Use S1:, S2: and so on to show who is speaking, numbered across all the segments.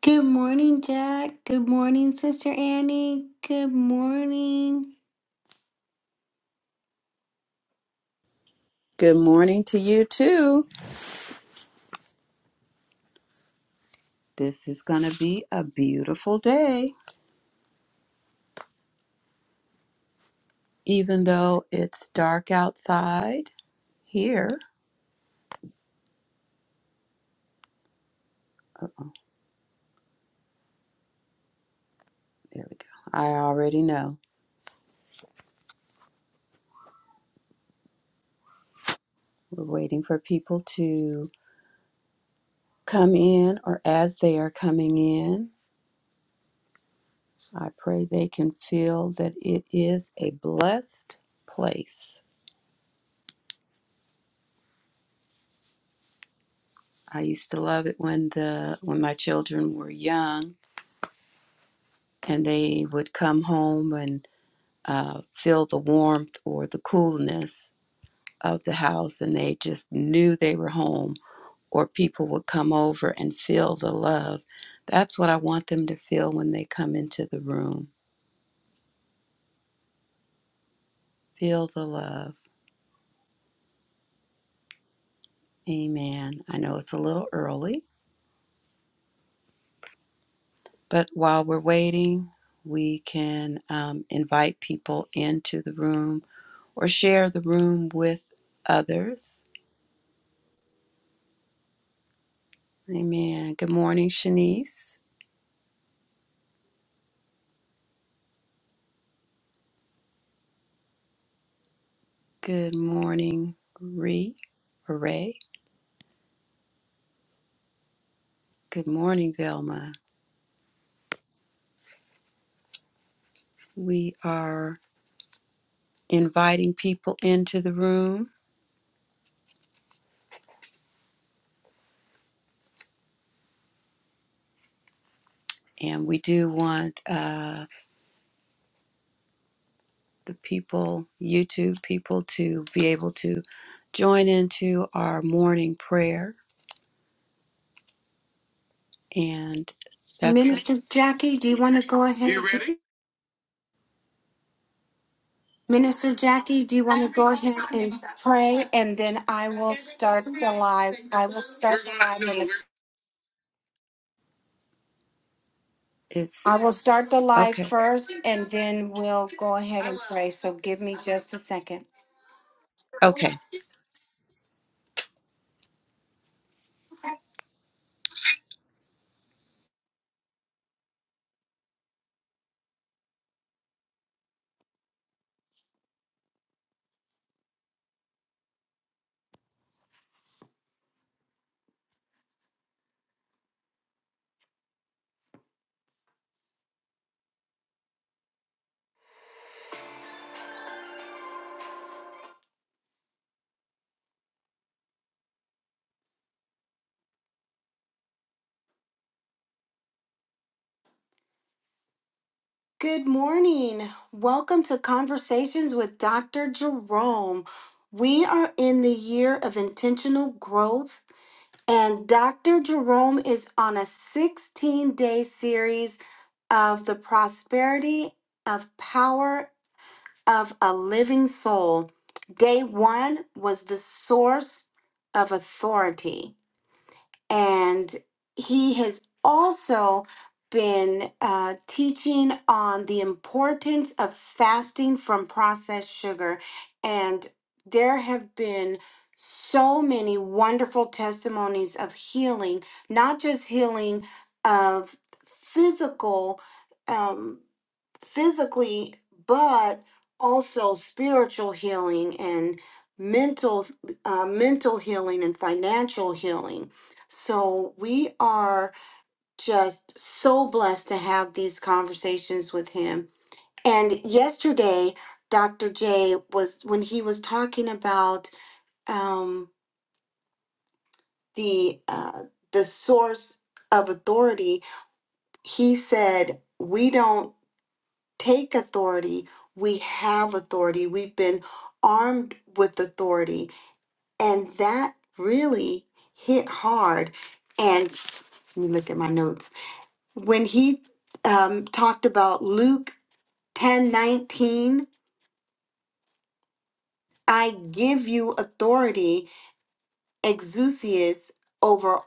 S1: Good morning, Jack. Good morning, Sister Annie. Good morning,
S2: Good morning to you too. This is going to be a beautiful day, even though it's dark outside here. There we go. I already know. We're waiting for people to come in, or as they are coming in, I pray they can feel that it is a blessed place. I used to love it when the when my children were young and they would come home and uh, feel the warmth or the coolness of the house and they just knew they were home or people would come over and feel the love. That's what I want them to feel when they come into the room. Feel the love. Amen. I know it's a little early, but while we're waiting, we can um, invite people into the room or share the room with others. Amen. Good morning, Shanice. Good morning, Ree. Hooray. Good morning, Velma. We are inviting people into the room, and we do want uh, the people, YouTube people, to be able to join into our morning prayer. And that's good.
S1: Minister Jackie. Do you want to go ahead? You ready? Minister Jackie, do you want to go ahead and pray, and then I will start the live. I will start the live. in a-
S2: It's
S1: I will start the live
S2: okay.
S1: first, and then we'll go ahead and pray. So give me just a second.
S2: Okay.
S1: Good morning. Welcome to Conversations with Dr. Jerome. We are in the year of intentional growth And Dr. Jerome is on a 16 day series of the prosperity of power of a living soul. Day one was the source of authority and he has also been uh, teaching on the importance of fasting from processed sugar. And there have been so many wonderful testimonies of healing, not just healing of physical, um, physically, but also spiritual healing and mental, uh, mental healing and financial healing so we are just so blessed to have these conversations with him. And yesterday, Dr. J was when he was talking about um, the uh, the source of authority, he said, "We don't take authority; we have authority. We've been armed with authority," and that really hit hard. And let me look at my notes when he um, talked about Luke ten nineteen, I give you authority, exousias, over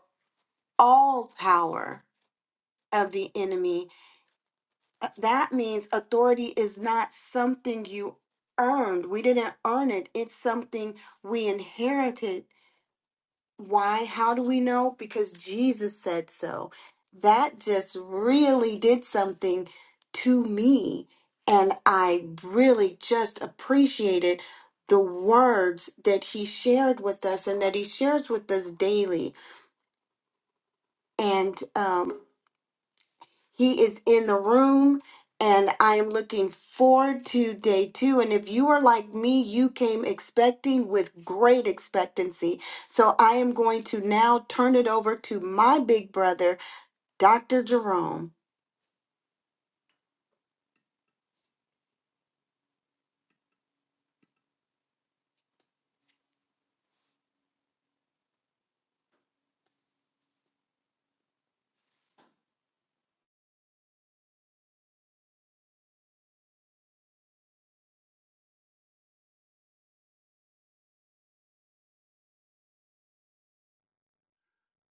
S1: all power of the enemy. Uh, That means authority is not something you earned. We didn't earn it, it's something we inherited Why? How do we know? Because Jesus said so. That just really did something to me. And I really just appreciated the words that he shared with us and that he shares with us daily. And um, he is in the room, and I am looking forward to day two. And if you are like me, you came expecting with great expectancy. So I am going to now turn it over to my big brother, Dr. Jerome.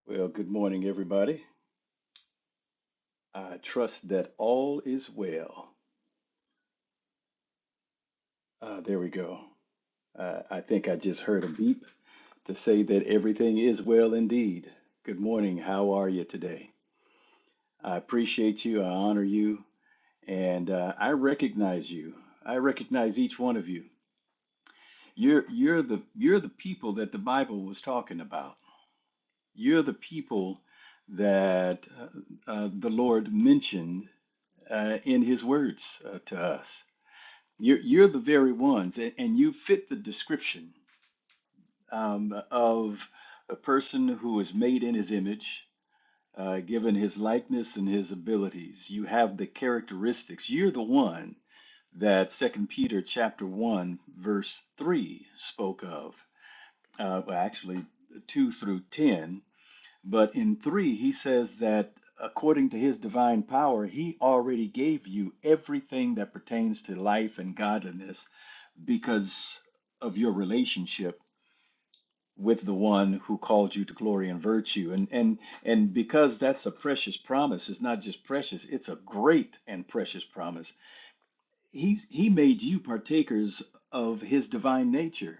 S3: Well, good morning, everybody. I trust that all is well. Uh, there we go. Uh, I think I just heard a beep to say that everything is well indeed. Good morning. How are you today? I appreciate you. I honor you, and uh, I recognize you. I recognize each one of you. You're you're the you're the people that the Bible was talking about. You're the people that uh, uh, the Lord mentioned uh, in His words uh, to us You're, you're the very ones, and, and you fit the description um, of a person who is made in his image, uh, given his likeness and his abilities. You have the characteristics. You're the one that Second Peter chapter one verse three spoke of. Uh, well, actually, two through ten, but in three he says that according to his divine power, he already gave you everything that pertains to life and godliness because of your relationship with the one who called you to glory and virtue and and and because that's a precious promise it's not just precious it's a great and precious promise he he made you partakers of his divine nature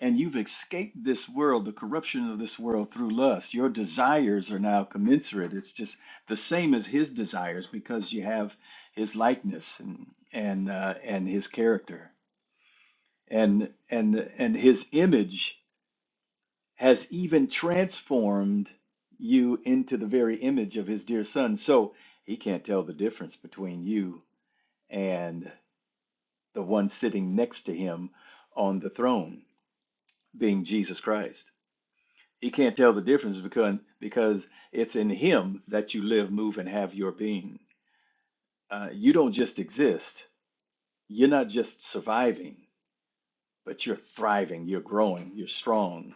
S3: and you've escaped this world the corruption of this world through lust your desires are now commensurate it's just the same as his desires because you have his likeness and and uh, and his character and and and his image has even transformed you into the very image of his dear son so he can't tell the difference between you and the one sitting next to him on the throne being Jesus Christ he can't tell the difference because because it's in him that you live move and have your being uh, you don't just exist you're not just surviving but you're thriving you're growing you're strong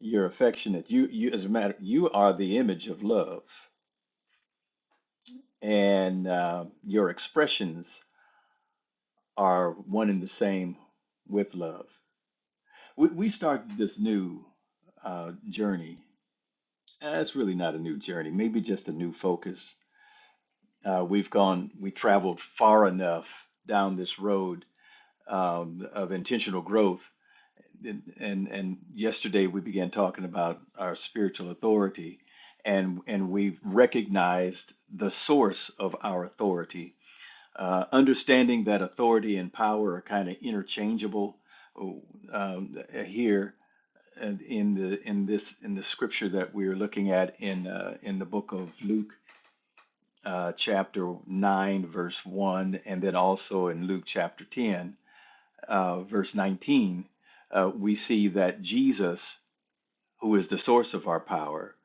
S3: You're affectionate. You, you, as a matter, you are the image of love, and uh, your expressions are one and the same with love. We, we started this new uh, journey. Uh, it's really not a new journey, maybe just a new focus. Uh, we've gone, we traveled far enough down this road um, of intentional growth and and and yesterday we began talking about our spiritual authority and and we recognized the source of our authority uh, understanding that authority and power are kind of interchangeable um, here in the in this in the scripture that we're looking at in uh, in the book of Luke uh, chapter 9 verse 1 and then also in Luke chapter 10 uh, verse 19 uh, we see that Jesus who is the source of our power,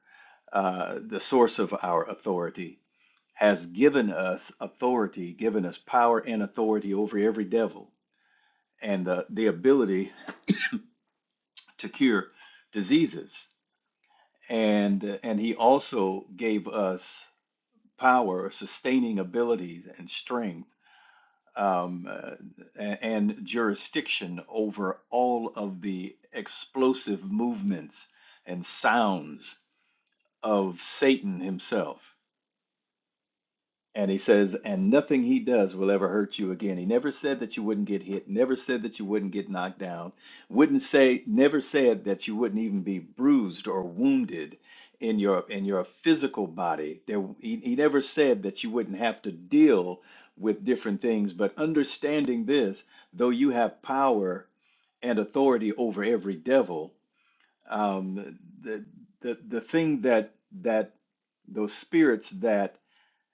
S3: uh, the source of our authority, has given us authority, given us power and authority over every devil, and the, the ability to cure diseases. And, and he also gave us power, sustaining abilities, and strength, um, uh, and jurisdiction over all of the explosive movements and sounds of Satan himself And he says, and nothing he does will ever hurt you again. He never said that you wouldn't get hit, never said that you wouldn't get knocked down, wouldn't say, never said that you wouldn't even be bruised or wounded in your in your physical body. There, he, he never said that you wouldn't have to deal with different things. But understanding this, though you have power and authority over every devil, um, the the the thing that that those spirits that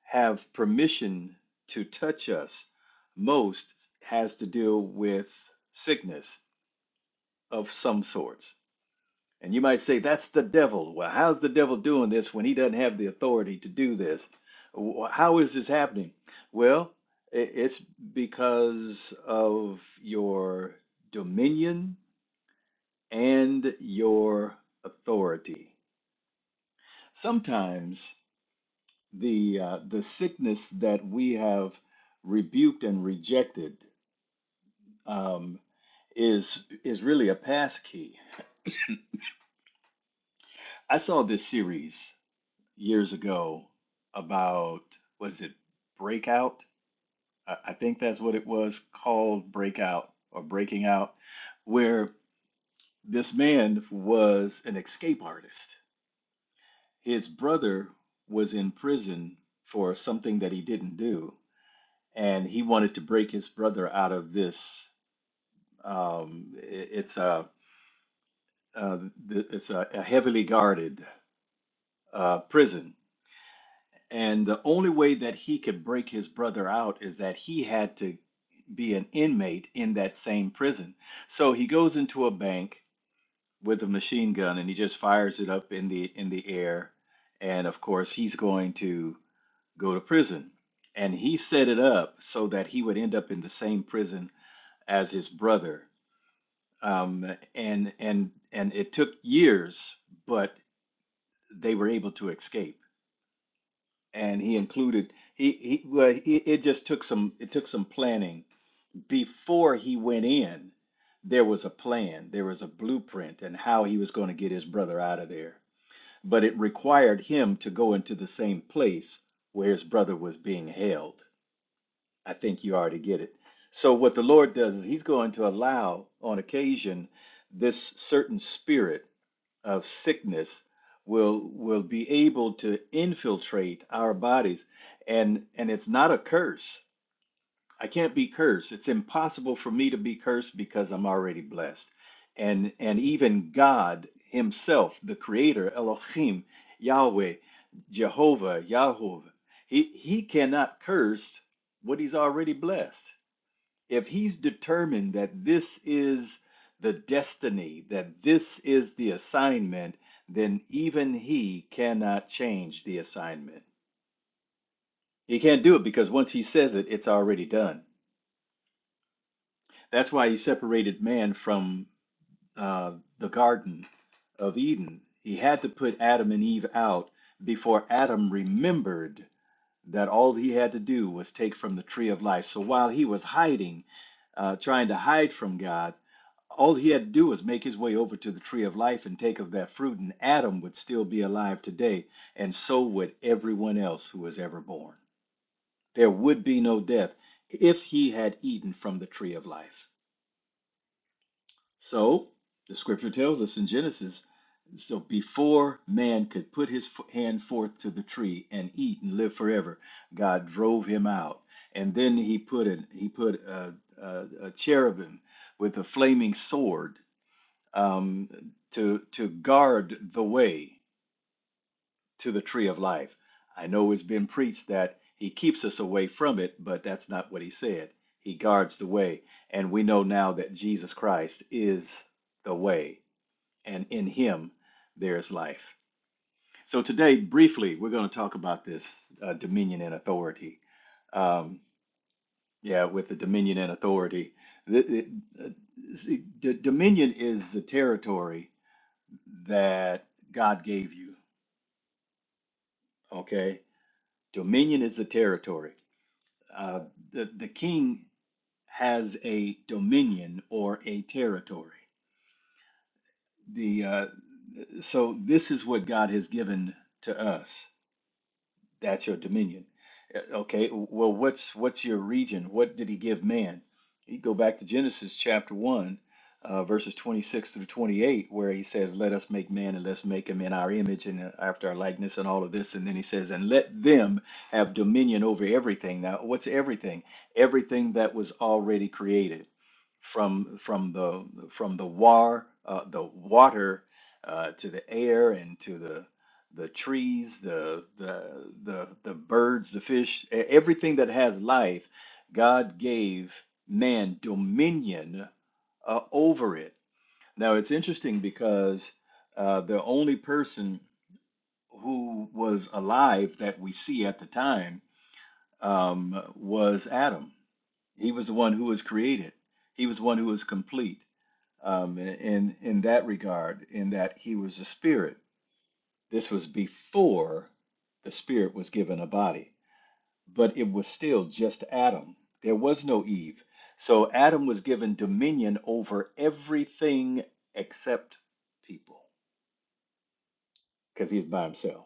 S3: have permission to touch us most has to deal with sickness of some sorts. And you might say, that's the devil. Well, how's the devil doing this when he doesn't have the authority to do this? How is this happening? Well, it's because of your dominion and your authority. Sometimes the uh, the sickness that we have rebuked and rejected um, is is really a pass key. I saw this series years ago about what is it, Breakout? I, I think that's what it was called, Breakout or Breaking Out, where this man was an escape artist. His brother was in prison for something that he didn't do, and he wanted to break his brother out of this Um, it- it's a uh, th- it's a, a heavily guarded uh, prison, and the only way that he could break his brother out is that he had to be an inmate in that same prison. So he goes into a bank with a machine gun and he just fires it up in the in the air, and of course he's going to go to prison. And he set it up so that he would end up in the same prison as his brother um, and and and it took years, but they were able to escape. And he included he he well he, it just took some it took some planning before he went in. There was a plan, there was a blueprint, and how he was going to get his brother out of there. But it required him to go into the same place where his brother was being held. I think you already get it. So what the Lord does is He's going to allow, on occasion, this certain spirit of sickness will will be able to infiltrate our bodies and and it's not a curse i can't be cursed it's impossible for me to be cursed because i'm already blessed and and even god himself the creator elohim yahweh jehovah yahweh he he cannot curse what he's already blessed if he's determined that this is the destiny, that this is the assignment, then even he cannot change the assignment. He can't do it because once he says it, it's already done. That's why he separated man from uh, the Garden of Eden. He had to put Adam and Eve out before Adam remembered that all he had to do was take from the tree of life. So while he was hiding, uh, trying to hide from God, All he had to do was make his way over to the tree of life and take of that fruit, and Adam would still be alive today, and so would everyone else who was ever born. There would be no death if he had eaten from the tree of life. So, the scripture tells us in Genesis so before man could put his hand forth to the tree and eat and live forever, God drove him out, and then he put an, he put a, a, a cherubim with a flaming sword um, to to guard the way to the tree of life. I know it's been preached that he keeps us away from it, but that's not what he said. He guards the way, and we know now that Jesus Christ is the way, and in him there is life. So today, briefly, we're going to talk about this uh, dominion and authority. Um, yeah, with the dominion and authority, the, the, the, the dominion is the territory that God gave you. Okay, dominion is the territory. Uh, the the king has a dominion or a territory. The uh, so this is what God has given to us. That's your dominion. Uh, Okay, well, what's what's your region? What did he give man? You go back to Genesis chapter 1, uh, verses 26 through 28, where he says, Let us make man and let's make him in our image and uh, after our likeness and all of this. And then he says, And let them have dominion over everything. Now, what's everything? Everything that was already created from from the from the war uh, the water uh, to the air and to the the trees, the the the the birds, the fish, e- everything that has life, God gave man dominion uh, over it. Now it's interesting because uh, the only person who was alive that we see at the time um, was Adam. He was the one who was created. He was one who was complete um, in in that regard, in that he was a spirit this was before the spirit was given a body, but it was still just Adam. There was no Eve. So Adam was given dominion over everything except people because he was by himself.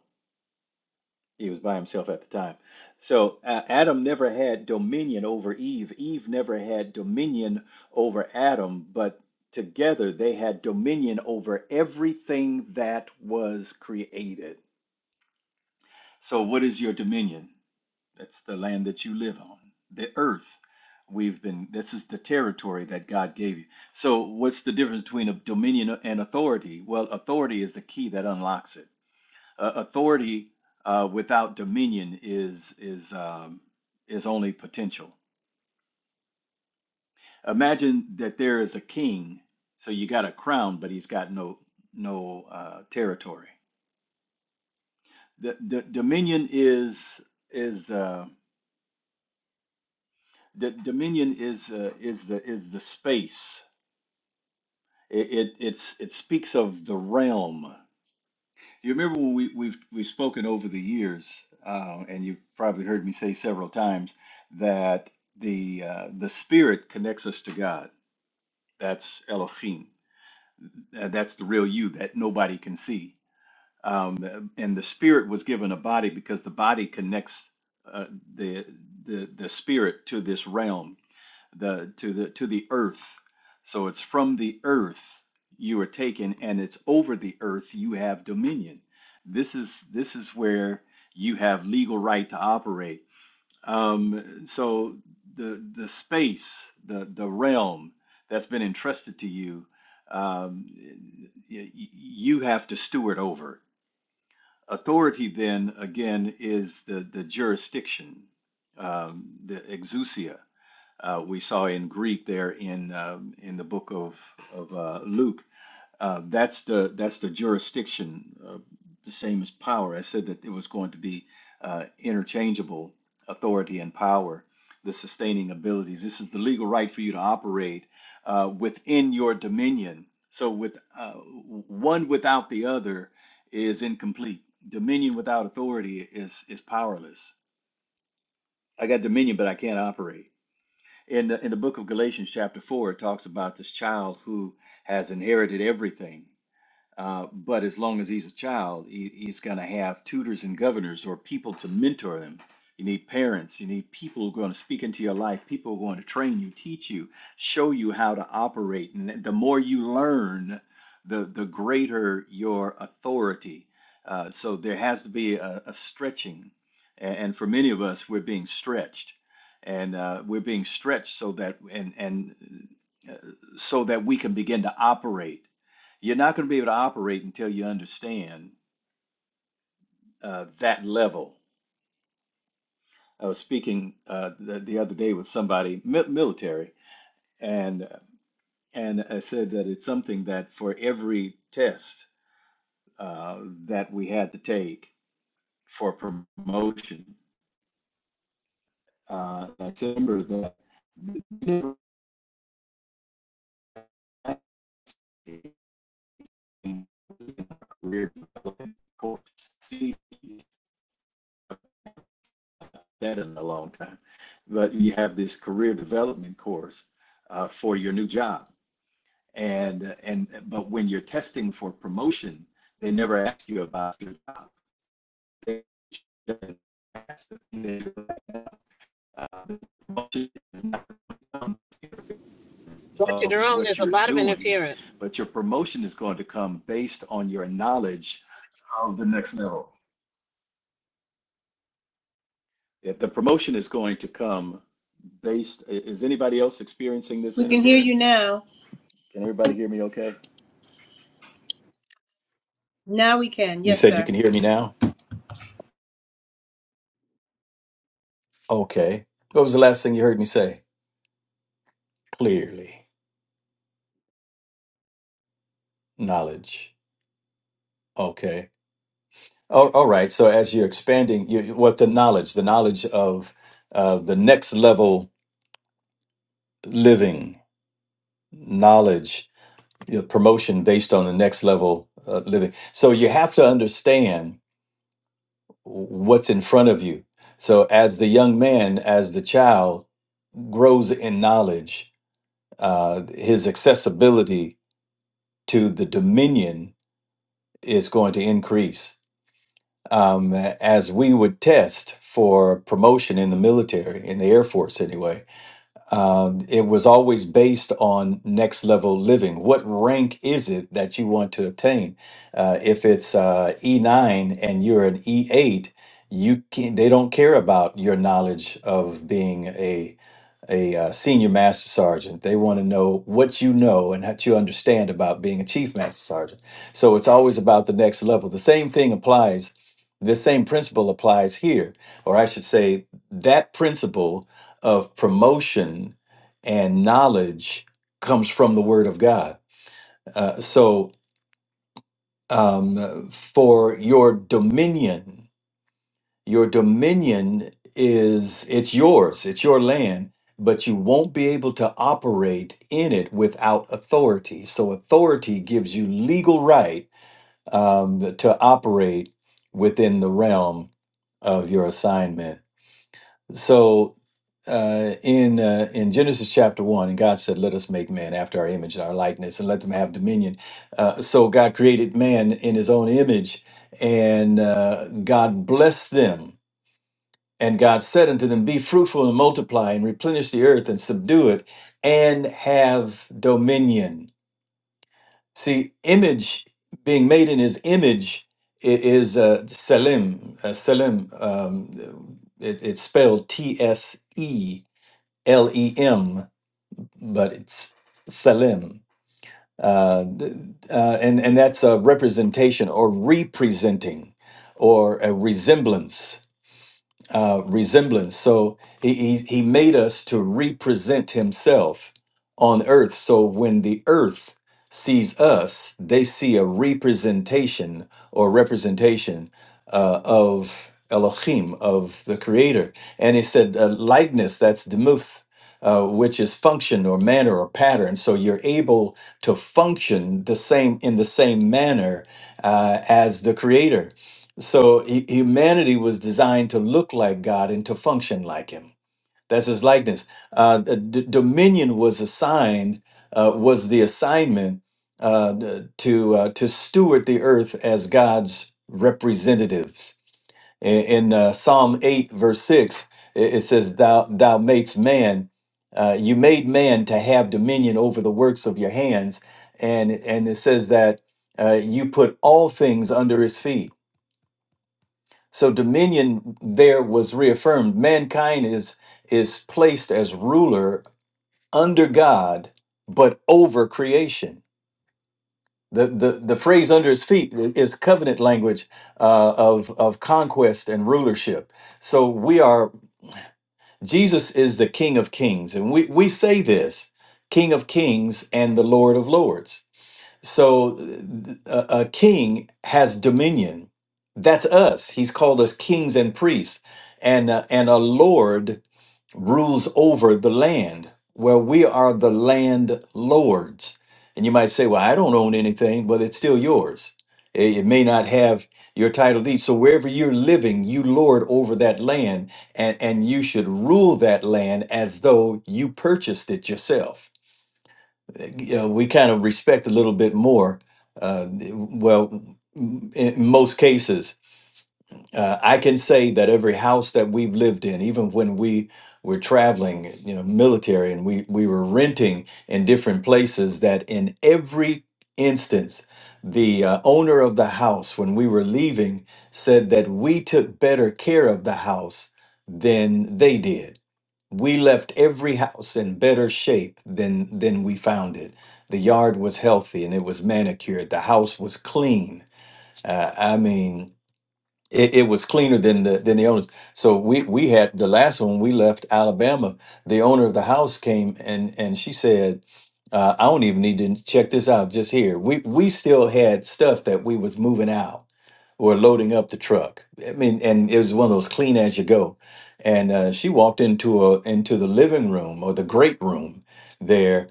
S3: He was by himself at the time. So uh, Adam never had dominion over Eve. Eve never had dominion over Adam, but together they had dominion over everything that was created. So, what is your dominion? That's the land that you live on. The earth we've been, this is the territory that God gave you. So, what's the difference between a dominion and authority? Well, authority is the key that unlocks it. Uh, authority uh, without dominion is is um, is only potential. Imagine that there is a king, so you got a crown, but he's got no no uh, territory. The, the dominion is is uh, the dominion is uh, is the is the space It, it it's it speaks of the realm. You remember when we, we've we've spoken over the years, uh, and you've probably heard me say several times that the uh, the spirit connects us to God. That's Elohim. Uh, That's the real you that nobody can see. Um, and the spirit was given a body because the body connects uh, the the the spirit to this realm the to the to the earth. So it's from the earth you are taken, and it's over the earth you have dominion. This is this is where you have legal right to operate. Um, so the the space, the the realm that's been entrusted to you, um, y- you have to steward over. Authority then again is the the jurisdiction, um, the exousia uh, we saw in Greek there in um, in the book of of uh, Luke. Uh, that's the that's the jurisdiction, uh, the same as power. I said that it was going to be uh, interchangeable authority and power, the sustaining abilities. This is the legal right for you to operate uh, within your dominion. So with uh, one without the other is incomplete. Dominion without authority is is powerless. I got dominion, but I can't operate. In the in the book of Galatians, chapter four, it talks about this child who has inherited everything. Uh, but as long as he's a child, he, he's going to have tutors and governors or people to mentor them. You need parents. You need people who are going to speak into your life, people who are going to train you, teach you, show you how to operate. And the more you learn, the, the greater your authority. Uh, so there has to be a, a stretching. A- And for many of us, we're being stretched. And uh, we're being stretched so that, and, and uh, so that we can begin to operate you're not going to be able to operate until you understand uh, that level. I was speaking uh, the, the other day with somebody, mi- military, and and I said that it's something that for every test uh, that we had to take for promotion, uh, I remember that we never actually in our career development course. See that in a long time, but you have this career development course uh, for your new job and and but when you're testing for promotion, they never ask you about your job. They ask you're Uh, the promotion is not
S4: Dr.
S3: of
S4: Jerome,
S3: what
S4: there's a
S3: you're
S4: lot of
S3: doing,
S4: interference.
S3: but your promotion is going to come based on your knowledge. Of the next level. If the promotion is going to come based. Is anybody else experiencing this
S5: We can hear you
S3: interference?
S5: now.
S3: Can everybody hear me? Okay.
S5: Now we can.
S3: You
S5: Yes,
S3: said you
S5: sir.
S3: can hear me now? Okay. What was the last thing you heard me say? Clearly. knowledge. Okay. All, all right. So as you're expanding, you, what the knowledge, the knowledge of uh, the next level living, knowledge, you know, promotion based on the next level uh, living. So you have to understand what's in front of you. So as the young man, as the child grows in knowledge, uh, his accessibility to the dominion is going to increase um, as we would test for promotion in the military, in the Air Force anyway, um, it was always based on next level living. What rank is it that you want to obtain? Uh, if it's uh, E9 and you're an E8, you can, they don't care about your knowledge of being a a uh, senior master sergeant. They want to know what you know and what you understand about being a chief master sergeant. So it's always about the next level. The same thing applies. The same principle applies here, or I should say, that principle of promotion and knowledge comes from the Word of God. Uh, so um, for your dominion your dominion is it's yours it's your land but you won't be able to operate in it without authority so authority gives you legal right um, to operate within the realm of your assignment so uh, in uh, in Genesis chapter one, and God said, "Let us make man after our image and our likeness, and let them have dominion." Uh, so God created man in His own image, and uh, God blessed them and God said unto them, Be fruitful and multiply and replenish the earth and subdue it and have dominion. See, image being made in his image i- is uh, Selim. Uh, Selim, um, it, it's spelled T S E L E M, but it's Selim. Uh, th- uh, and, and that's a representation or representing or a resemblance uh, resemblance. So he, he he made us to represent himself on earth. So when the earth sees us, they see a representation or representation uh, of Elohim, of the Creator. And he said uh, likeness. That's demuth. Uh, which is function or manner or pattern so you're able to function the same in the same manner uh, as the creator so hu- humanity was designed to look like God and to function like Him. That's His likeness. Uh, the d- dominion was assigned, uh, was the assignment uh, the- to uh, to steward the earth as God's representatives. In, in uh, Psalm eight, verse six, it, it says, "Thou Thou makes man." Uh, you made man to have dominion over the works of your hands, and and it says that uh, you put all things under his feet. So dominion there was reaffirmed. Mankind is is placed as ruler under God, but over creation. The the, the phrase under his feet is covenant language uh, of of conquest and rulership. So we are Jesus is the King of Kings, and we we say this King of Kings and the Lord of Lords so th- a, king has dominion. That's us. He's called us kings and priests, and uh, and a lord rules over the land Well, we are the land lords. And you might say, "Well, I don't own anything." Well, it's still yours. It, it may not have your title deed. So wherever you're living, you lord over that land, and and you should rule that land as though you purchased it yourself you know, we kind of respect a little bit more. Uh, well, m- in most cases, uh, I can say that every house that we've lived in, even when we were traveling, you know, military, and we we were renting in different places, that in every instance, the uh, owner of the house, when we were leaving, said that we took better care of the house than they did we left every house in better shape than than we found it the yard was healthy and it was manicured the house was clean uh, i mean it, it was cleaner than the than the owners so we we had the last one we left alabama the owner of the house came and and she said uh, i don't even need to check this out just here we we still had stuff that we was moving out were loading up the truck. I mean, and it was one of those clean as you go. And uh, she walked into a into the living room or the great room there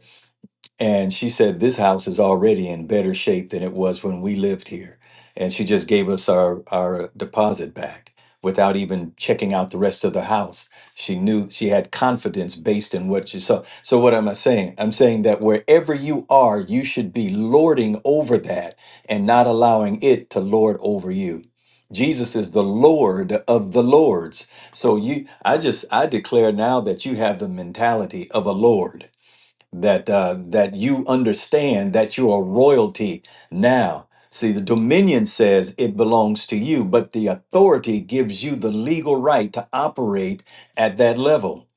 S3: and she said, This house is already in better shape than it was when we lived here. And she just gave us our, our deposit back without even checking out the rest of the house. She knew she had confidence based in what she saw. So, what am I saying? I'm saying that wherever you are, you should be lording over that and not allowing it to lord over you. Jesus is the Lord of the Lords. So you I just I declare now that you have the mentality of a Lord that uh, that you understand that you are royalty now. See, the dominion says it belongs to you, but the authority gives you the legal right to operate at that level.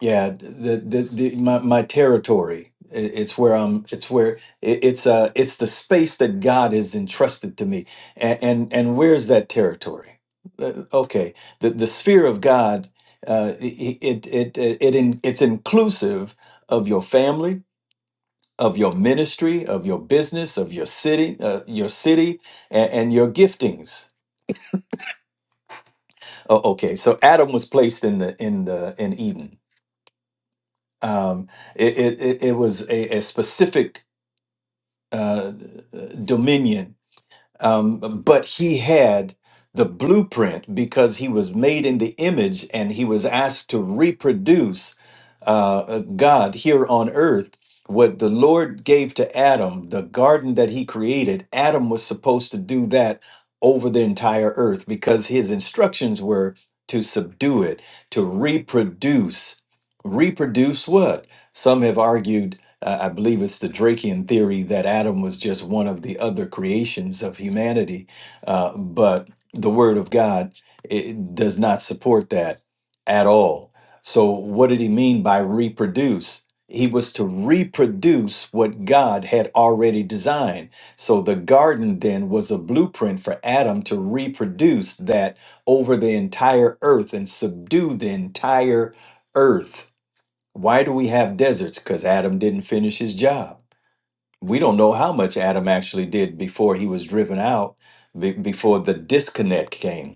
S3: Yeah, the the, the my, my territory. i- It's where I'm. It's where it, it's uh it's the space that God has entrusted to me. And and, and where's that territory? Uh, Okay, the the sphere of God. Uh, it it it it, it in, it's inclusive of your family of your ministry, of your business, of your city, uh, your city, and, and your giftings. Oh, okay, so Adam was placed in the in the in Eden. Um, it, it it it was a, a specific uh, dominion um, but he had the blueprint because he was made in the image and he was asked to reproduce uh, uh, God here on earth. What the Lord gave to Adam, the garden that he created, Adam was supposed to do that over the entire earth because his instructions were to subdue it, to reproduce. Reproduce what? Some have argued uh, I believe it's the Drakean theory that Adam was just one of the other creations of humanity, uh, but the Word of God it does not support that at all. So, what did he mean by reproduce? He was to reproduce what God had already designed. So, the garden then was a blueprint for Adam to reproduce that over the entire earth and subdue the entire earth why do we have deserts? Because Adam didn't finish his job. We don't know how much Adam actually did before he was driven out, be- before the disconnect came.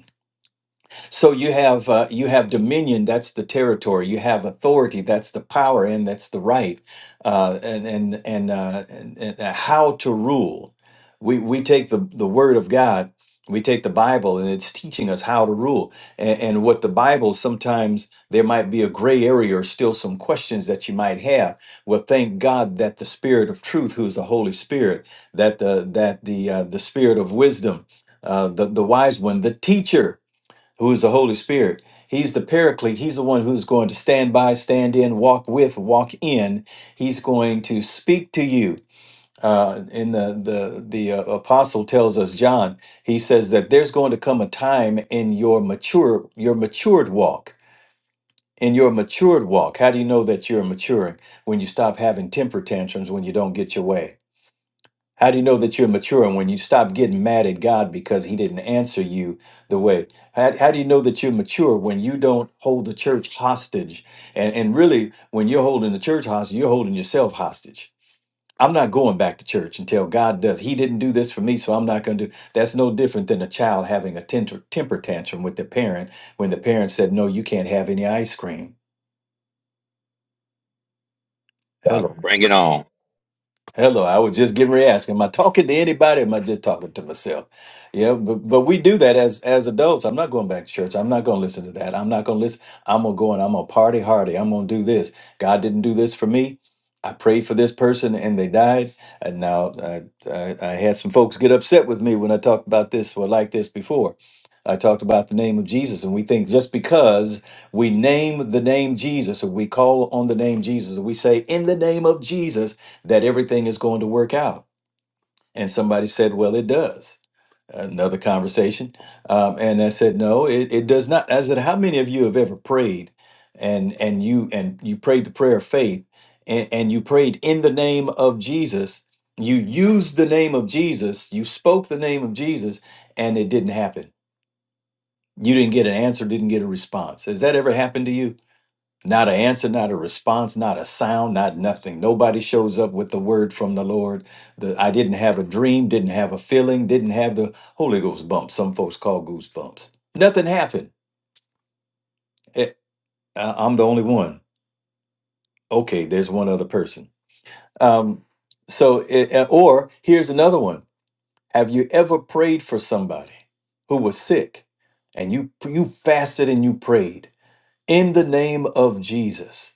S3: So you have uh, you have dominion. That's the territory. You have authority. That's the power, and that's the right. Uh, and and and, uh, and and uh, how to rule. We we take the the word of God. We take the Bible, and it's teaching us how to rule. And, and what the Bible sometimes there might be a gray area or still some questions that you might have. Well, thank God that the Spirit of Truth, who is the Holy Spirit, that the that the uh, the Spirit of wisdom, uh, the the wise one, the teacher who is the Holy Spirit. He's the paraclete. He's the one who's going to stand by, stand in, walk with, walk in. He's going to speak to you. Uh, in the the the uh, apostle tells us John, he says that there's going to come a time in your mature your matured walk. In your matured walk, how do you know that you're maturing? When you stop having temper tantrums when you don't get your way how do you know that you're maturing when you stop getting mad at God because he didn't answer you the way? How, how do you know that you're mature when you don't hold the church hostage? And, and really, when you're holding the church hostage, you're holding yourself hostage. I'm not going back to church until God does. He didn't do this for me, so I'm not going to do. That's no different than a child having a temper, temper tantrum with their parent when the parent said, "No, you can't have any ice cream."
S6: Uh,
S3: Hello.
S6: Bring it on.
S3: Hello, I was just getting ready to ask, am I talking to anybody? Or am I just talking to myself? Yeah, but, but we do that as as adults. I'm not going back to church. I'm not going to listen to that. I'm not going to listen. I'm going to go and I'm going to party hardy. I'm going to do this. God didn't do this for me. I prayed for this person and they died. And now I, I, I had some folks get upset with me when I talked about this or like this before. I talked about the name of Jesus, and we think just because we name the name Jesus, or we call on the name Jesus, or we say, In the name of Jesus, that everything is going to work out. And somebody said, well, it does. Another conversation. Um, and I said, no, it, it does not. I said, how many of you have ever prayed and, and you, and you prayed the prayer of faith and, and you prayed in the name of Jesus. You used the name of Jesus. You spoke the name of Jesus and it didn't happen. You didn't get an answer, didn't get a response. Has that ever happened to you? Not an answer, not a response, not a sound, not nothing. Nobody shows up with the word from the Lord. The, I didn't have a dream, didn't have a feeling, didn't have the Holy Ghost bumps. Some folks call goosebumps. Nothing happened. It- I- I'm the only one. Okay, there's one other person. Um, so, it, uh, or here's another one. Have you ever prayed for somebody who was sick, and you you fasted and you prayed in the name of Jesus,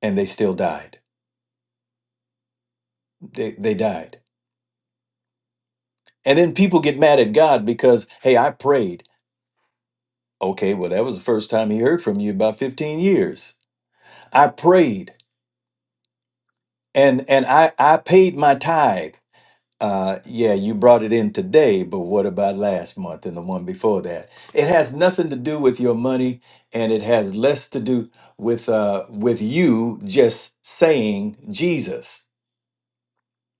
S3: and they still died? They they died And then people get mad at God because, hey, I prayed. Okay, well, that was the first time he heard from you in about 15 years. I prayed and and I, I paid my tithe. Uh, yeah, you brought it in today, but what about last month and the one before that? It has nothing to do with your money, and it has less to do with uh, with you just saying Jesus.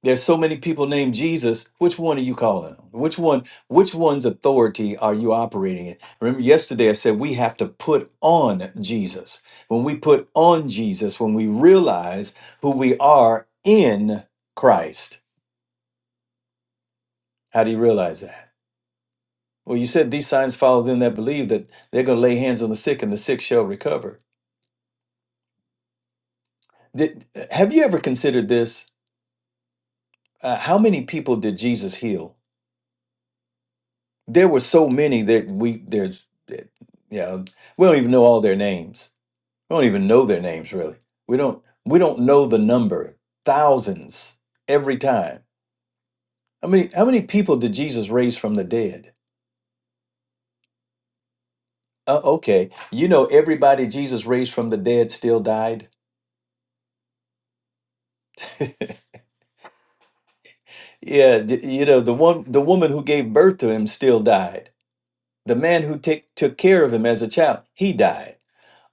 S3: There's so many people named Jesus. Which one are you calling on? Which one? Which one's authority are you operating in? Remember, yesterday I said we have to put on Jesus. When we put on Jesus, when we realize who we are in Christ, how do you realize that? Well, you said these signs follow them that believe that they're going to lay hands on the sick and the sick shall recover. Did, have you ever considered this? Uh, how many people did Jesus heal? There were so many that we there's that- yeah we don't even know all their names. We don't even know their names really. We don't we don't know the number thousands every time. How many how many people did Jesus raise from the dead? Uh, okay, you know everybody Jesus raised from the dead still died. Yeah, d- you know the one the woman who gave birth to him still died. The man who take, took care of him as a child, he died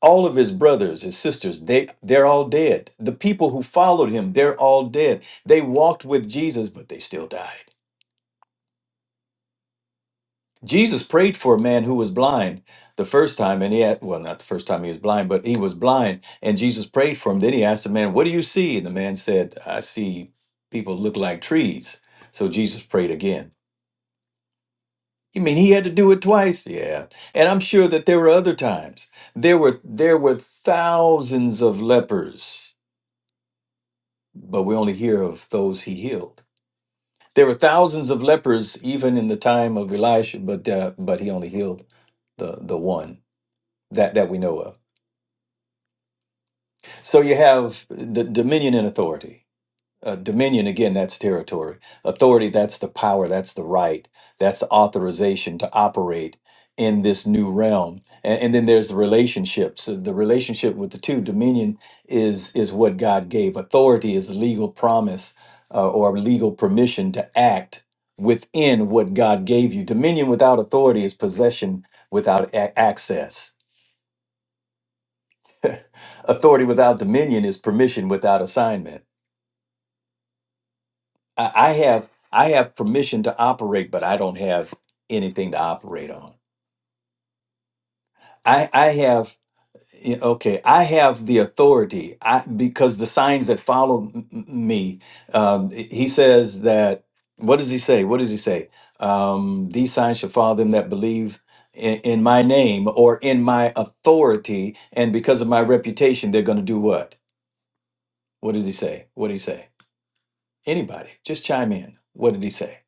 S3: all of his brothers his sisters they they're all dead the people who followed him they're all dead they walked with jesus but they still died jesus prayed for a man who was blind the first time and he had well not the first time he was blind but he was blind and jesus prayed for him then he asked the man what do you see and the man said i see people look like trees so jesus prayed again you mean he had to do it twice yeah and i'm sure that there were other times there were there were thousands of lepers but we only hear of those he healed. There were thousands of lepers even in the time of Elisha, but uh, but he only healed the the one that that we know of. So you have the dominion and authority. uh, dominion again that's territory authority that's the power that's the right that's the authorization to operate in this new realm and, and then there's the relationships So the relationship with the two dominion is is what god gave authority is legal promise uh, or legal permission to act within what god gave you dominion without authority is possession without a- access authority without dominion is permission without assignment I I have I have permission to operate, but I don't have anything to operate on. I I have yeah, okay. I have the authority. I because the signs that follow m- m- me. Um, he says that. What does he say? What does he say? Um, These signs shall follow them that believe in, in my name or in my authority, and because of my reputation, they're going to do what? What did he say? What did he say? Anybody, just chime in. What did he say?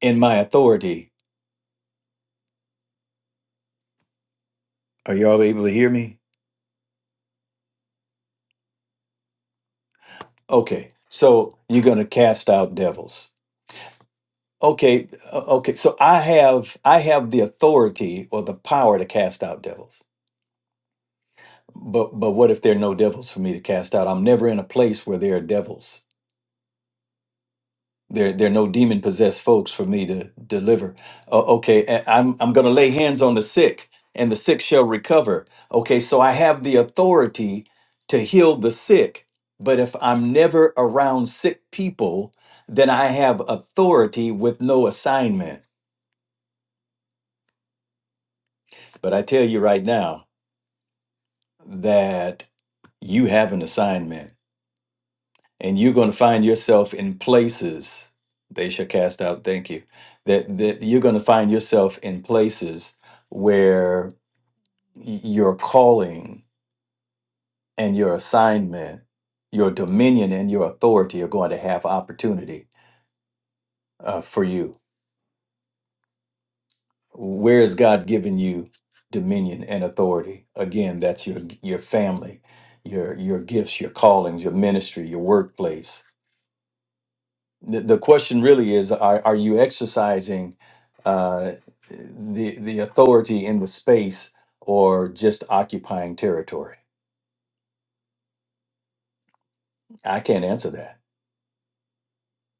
S3: In my authority Are y'all able to hear me? Okay. So you're going to cast out devils. Okay. uh, Okay. So I have I have the authority or the power to cast out devils. But but what if there are no devils for me to cast out? I'm never in a place where there are devils. There, there are no demon possessed folks for me to deliver. Uh, okay, a- I'm I'm going to lay hands on the sick, and the sick shall recover. Okay, so I have the authority to heal the sick, but if I'm never around sick people, then I have authority with no assignment. But I tell you right now that you have an assignment and you're going to find yourself in places they shall cast out thank you that that you're going to find yourself in places where y- your calling and your assignment your dominion and your authority are going to have opportunity uh, for you where has god given you dominion and authority again that's your your family your your gifts your callings your ministry your workplace the, the question really is are, are you exercising uh, the the authority in the space or just occupying territory i can't answer that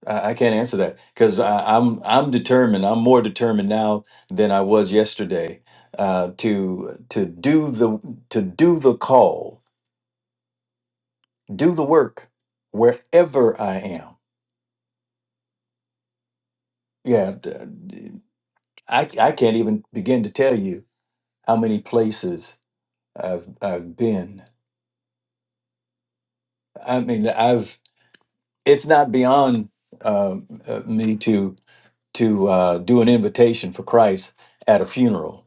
S3: i, I can't answer that because i'm i'm determined i'm more determined now than i was yesterday uh, to to do the to do the call do the work wherever i am yeah d- d- i, I can't even begin to tell you how many places i've i've been I mean, I've it's not beyond um, uh, me to to uh, do an invitation for Christ at a funeral,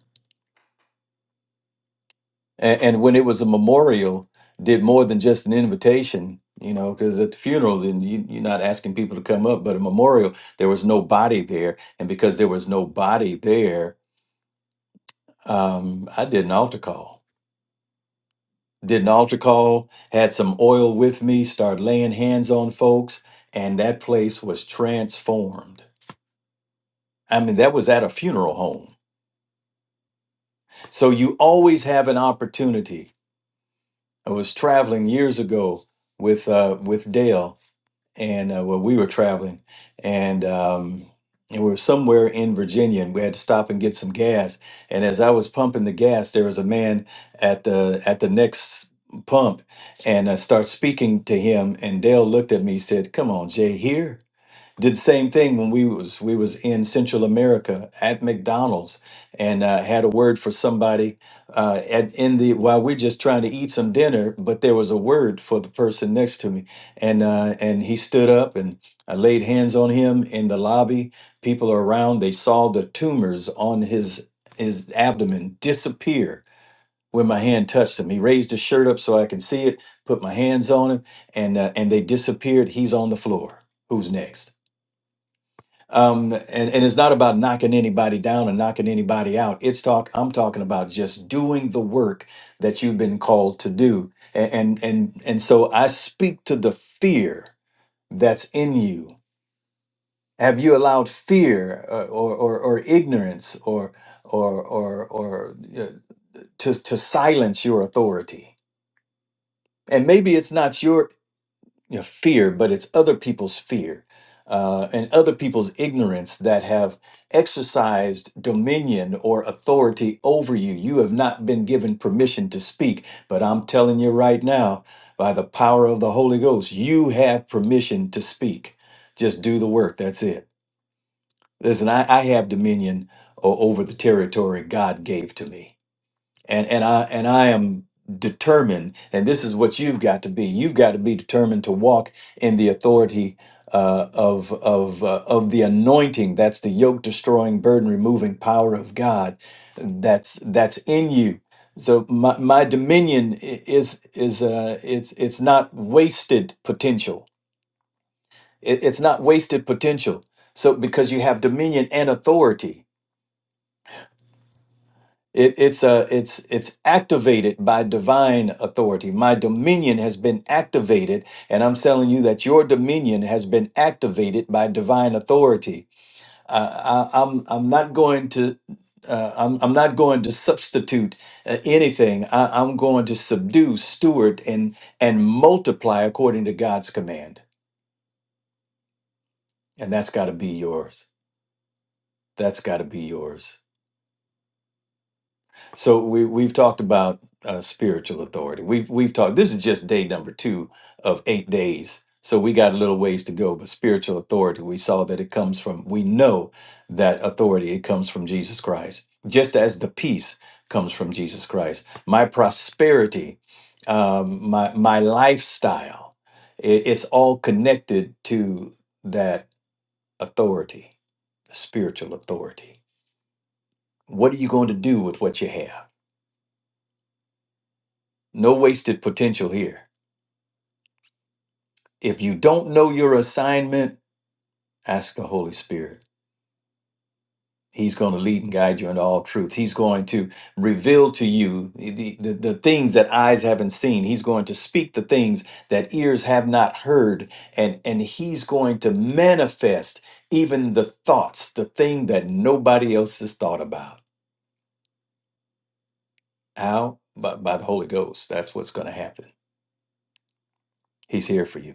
S3: and, and when it was a memorial, did more than just an invitation. You know, because at the funeral, then you, you're not asking people to come up, but a memorial, there was no body there, and because there was no body there, um, I did an altar call. Did an altar call, had some oil with me, started laying hands on folks, and that place was transformed I mean, that was at a funeral home. So you always have an opportunity. I was traveling years ago with uh, with Dale, and uh, well, we were traveling, and um, and we were somewhere in Virginia, and we had to stop and get some gas. And as I was pumping the gas, there was a man at the at the next pump, and I start speaking to him, and Dale looked at me, said, "Come on, Jay, here." did the same thing when we was we was in Central America at McDonald's and uh, had a word for somebody uh, at in the while we're just trying to eat some dinner, but there was a word for the person next to me, and uh, and he stood up and I laid hands on him in the lobby. People around they saw the tumors on his his abdomen disappear when my hand touched him. He raised his shirt up so I can see it. Put my hands on him, and uh, and they disappeared. He's on the floor. Who's next? um, and and it's not about knocking anybody down and knocking anybody out. It's talk. I'm talking about just doing the work that you've been called to do, and and and, and so I speak to the fear that's in you. Have you allowed fear uh, or or, or ignorance or or or or uh, to to silence your authority? And maybe it's not your. you know, fear, but it's other people's fear uh, and other people's ignorance that have exercised dominion or authority over you. You have not been given permission to speak, but I'm telling you right now, by the power of the Holy Ghost, you have permission to speak. Just do the work. That's it. Listen, I, I have dominion o- over the territory God gave to me and and I and I am determined. And this is what you've got to be. You've got to be determined to walk in the authority uh, of of uh, of the anointing. That's the yoke destroying, burden removing power of God. That's that's in you. So my, my dominion i- is is uh, it's it's not wasted potential. It, it's not wasted potential. So because you have dominion and authority It, it's a it's it's activated by divine authority. My dominion has been activated, and I'm telling you that your dominion has been activated by divine authority. Uh, I, I'm I'm not going to. Uh, I'm, I'm not going to substitute uh, anything. I, I'm going to subdue, steward, and and multiply according to God's command. And that's got to be yours. That's got to be yours. So we we've talked about uh, spiritual authority. We've we've talked. This is just day number two of eight days. So we got a little ways to go. But spiritual authority, we saw that it comes from. We know that authority it comes from Jesus Christ, just as the peace comes from Jesus Christ. My prosperity, um, my my lifestyle, it, it's all connected to that authority, spiritual authority. What are you going to do with what you have? No wasted potential here. If you don't know your assignment, ask the Holy Spirit. He's going to lead and guide you into all truth. He's going to reveal to you the, the, the things that eyes haven't seen. He's going to speak the things that ears have not heard. And, and he's going to manifest even the thoughts, the thing that nobody else has thought about. How? By, by the Holy Ghost. That's what's going to happen. He's here for you.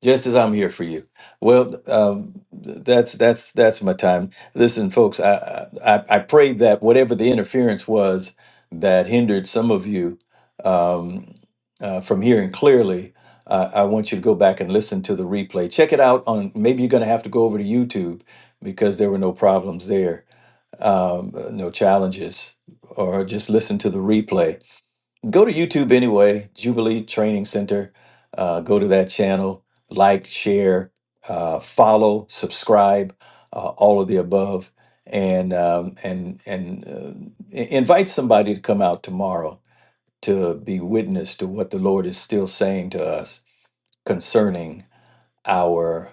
S3: Just as I'm here for you. Well, um, th- that's that's that's my time. Listen, folks, I, I I prayed that whatever the interference was that hindered some of you um, uh, from hearing clearly, uh, I want you to go back and listen to the replay. Check it out on. Maybe you're going to have to go over to YouTube because there were no problems there, um, no challenges, or just listen to the replay go to YouTube anyway, Jubilee Training Center. Uh, go to that channel, like, share, uh, follow, subscribe, uh, all of the above, and um, and and uh, i- invite somebody to come out tomorrow to be witness to what the Lord is still saying to us concerning our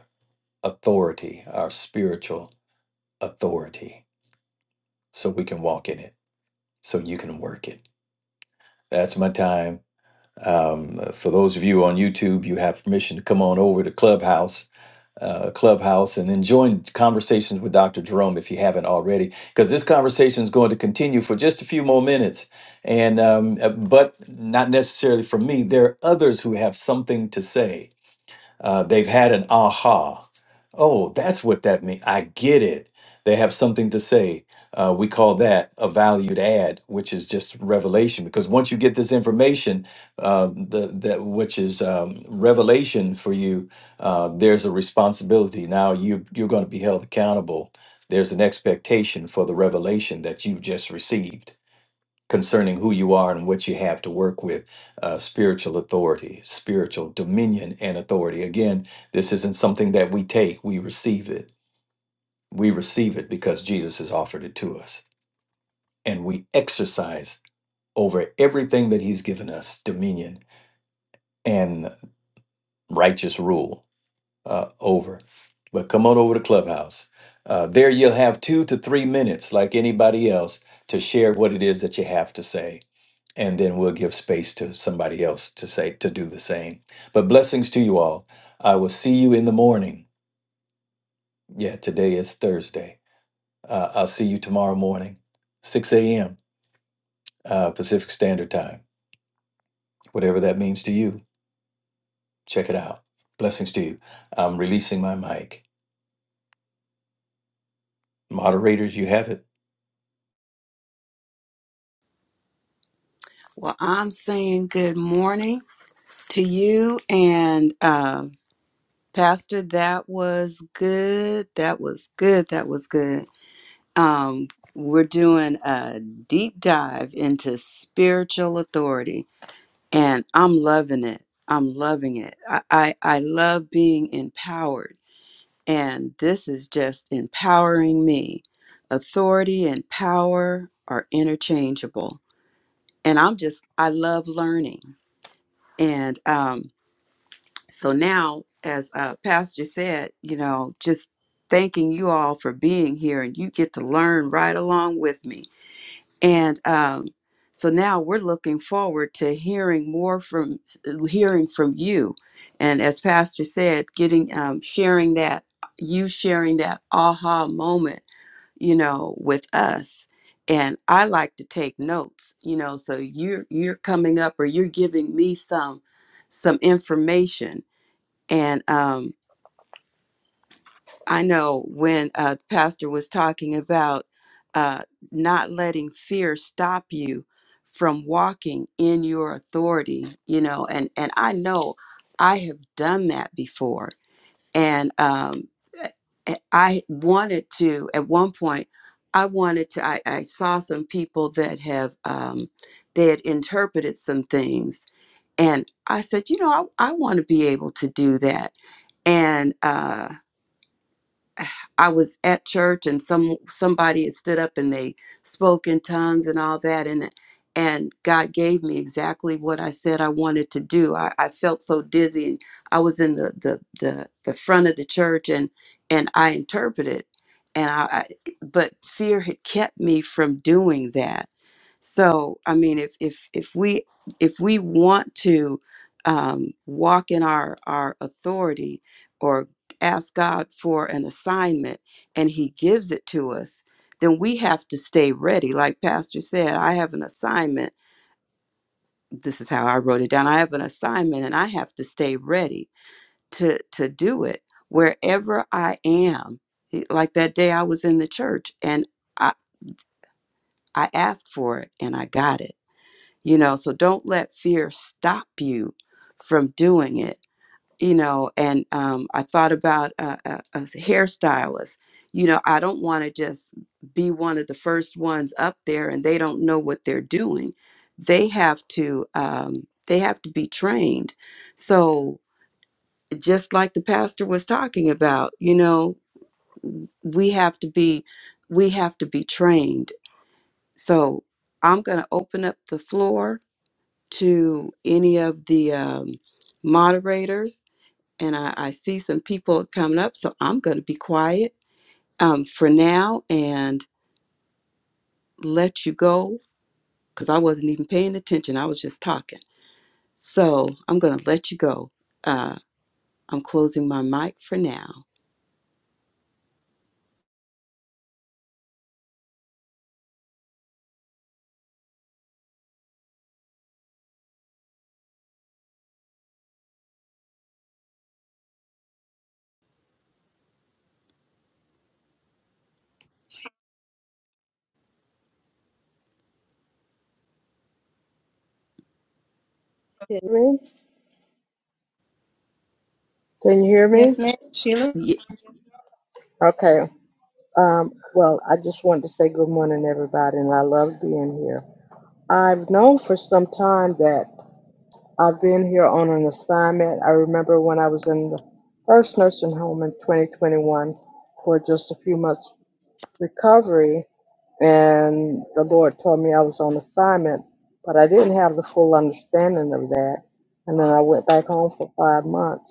S3: authority, our spiritual authority, so we can walk in it, so you can work it. That's my time. Um, for those of you on YouTube, you have permission to come on over to Clubhouse, uh, Clubhouse, and then join conversations with Dr. Jerome if you haven't already, because this conversation is going to continue for just a few more minutes. And um, uh, but not necessarily for me. There are others who have something to say uh, they've had an aha. Oh, that's what that means. I get it. They have something to say. Uh, we call that a valued add, which is just revelation. Because once you get this information, uh, the that which is um, revelation for you, uh, there's a responsibility. Now you you're going to be held accountable. There's an expectation for the revelation that you just received concerning who you are and what you have to work with uh, spiritual authority, spiritual dominion, and authority. Again, this isn't something that we take, we receive it. We receive it because Jesus has offered it to us, and we exercise over everything that He's given us dominion and righteous rule uh, over. But come on over to Clubhouse. Uh, there, you'll have two to three minutes, like anybody else, to share what it is that you have to say and then we'll give space to somebody else to say to do the same. But blessings to you all. I will see you in the morning. Yeah, today is Thursday. Uh, I'll see you tomorrow morning, 6 a.m. Uh, Pacific Standard Time, whatever that means to you. Check it out. Blessings to you. I'm releasing my mic. Moderators, you have it.
S2: Well, I'm saying good morning to you and uh, Pastor. That was good. That was good. That was good. um, we're doing a deep dive into spiritual authority, and I'm loving it. I'm loving it. I, I, I love being empowered, and this is just empowering me. Authority and power are interchangeable, and I'm just, I love learning. And um, so now, as uh, Pastor said, you know, just thanking you all for being here, and you get to learn right along with me and um, so now we're looking forward to hearing more from hearing from you and as pastor said getting um, sharing that you sharing that aha moment you know with us and i like to take notes you know so you're you're coming up or you're giving me some some information and um, I know when uh, Pastor was talking about uh, not letting fear stop you from walking in your authority, you know, and and I know I have done that before, and um, I I wanted to at one point. I wanted to. I, I saw some people that have um, they had interpreted some things, and I said, you know, I, I want to be able to do that, and. Uh, I was at church and some somebody had stood up and they spoke in tongues and all that and and God gave me exactly what I said I wanted to do. I, I felt so dizzy and I was in the, the the the front of the church and and I interpreted and I, I but fear had kept me from doing that. So I mean if if if we if we want to um, walk in our our authority, or ask God for an assignment and He gives it to us, then we have to stay ready. Like Pastor said, I have an assignment. This is how I wrote it down. I have an assignment and I have to stay ready to, to do it wherever I am. It- Like that day I was in the church and I, I asked for it and I got it. You know, so don't let fear stop you from doing it you know, and um, I thought about a, a, a hairstylist. You know, I don't want to just be one of the first ones up there, and they don't know what they're doing. They have to um, they have to be trained. So just like the pastor was talking about, you know, we have to be we have to be trained. So I'm going to open up the floor to any of the um, moderators and I, I see some people coming up, so I'm going to be quiet um, for now and let you go because I wasn't even paying attention. I was just talking. So I'm going to let you go. Uh, I'm closing my mic for now.
S7: Can you hear me? Can you hear me?
S5: Yes, ma'am. Sheila?
S2: Ye-
S7: Okay. Um, well, I just wanted to say good morning, everybody, and I love being here. I've known for some time that I've been here on an assignment. I remember when I was in the first nursing home in 2021 for just a few months recovery, and the Lord told me I was on assignment, but I didn't have the full understanding of that. And then I went back home for five months.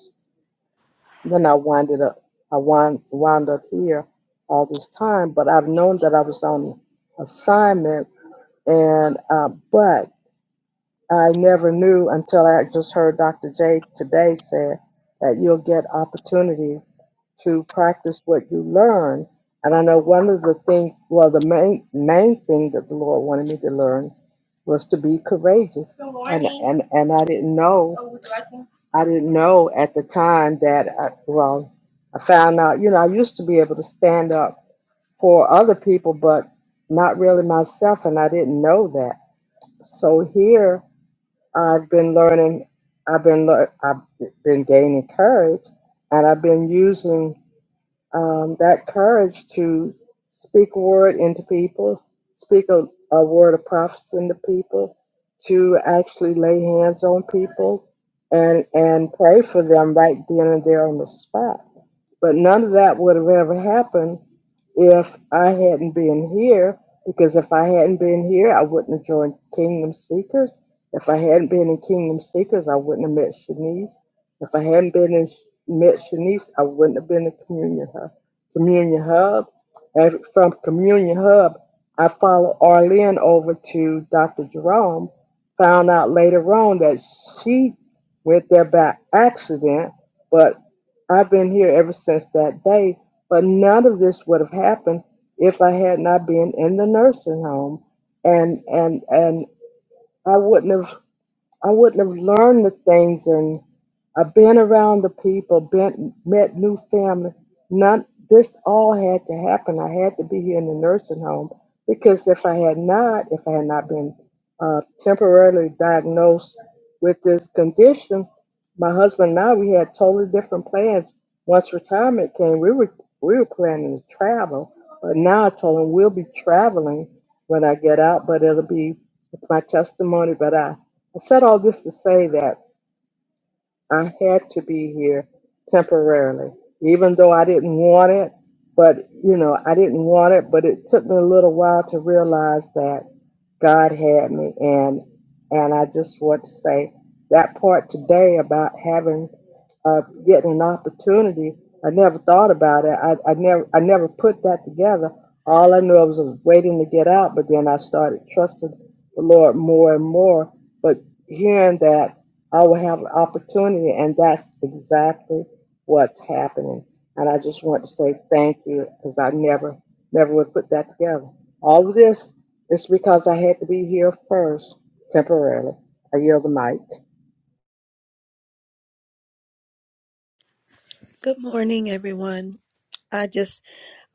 S7: Then I winded up. I wound, wound up here all this time, but I've known that I was on assignment, and uh, but I never knew until I just heard Dr. J today said that you'll get opportunities to practice what you learn. And I know one of the things, well, the main main thing that the Lord wanted me to learn was to be courageous. Good morning. And morning. and, and I didn't know. Oh, would you like me? I didn't know at the time that I, well, I found out. You know, I used to be able to stand up for other people, but not really myself, and I didn't know that. So here I've been learning. I've been lear- I've been gaining courage, and I've been using um, that courage to speak a word into people, speak a, a word of prophecy into people, to actually lay hands on people and and pray for them right then and there on the spot. But none of that would have ever happened if I hadn't been here, because if I hadn't been here, I wouldn't have joined Kingdom Seekers. If I hadn't been in Kingdom Seekers, I wouldn't have met Shanice. If I hadn't been in, met Shanice, I wouldn't have been in Communion Hub. Communion Hub. And from Communion Hub, I followed Arlene over to Dr. Jerome. Found out later on that she went there by accident, but I've been here ever since that day, but none of this would have happened if I had not been in the nursing home, and and and I wouldn't have. I wouldn't have learned the things and I've been around the people, been met new family. None this all had to happen. I had to be here in the nursing home because if I had not, if I had not been uh, temporarily diagnosed with this condition, my husband and I we had totally different plans. Once retirement came, we were we were planning to travel, but now I told him we'll be traveling when I get out, but it'll be with my testimony. But I I said all this to say that I had to be here temporarily, even though I didn't want it. But, you know, I didn't want it, but it took me a little while to realize that. God had me and and I just want to say that part today about having uh, getting an opportunity, I never thought about it. I, I never I never put that together. All I knew I was, was waiting to get out, but then I started trusting the Lord more and more. But hearing that I will have an opportunity and that's exactly what's happening. And I just want to say thank you because I never never would put that together. All of this it's because I had to be here first, temporarily. I yield the mic.
S8: Good morning, everyone. I just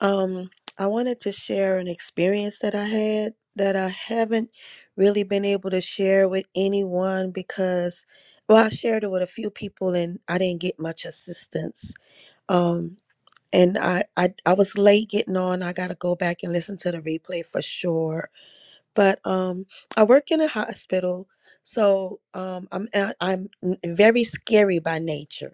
S8: um I wanted to share an experience that I had that I haven't really been able to share with anyone because well, I shared it with a few people and I didn't get much assistance. Um and I, I I was late getting on. I gotta go back and listen to the replay for sure. But um I work in a hospital, so um I'm I'm very scary by nature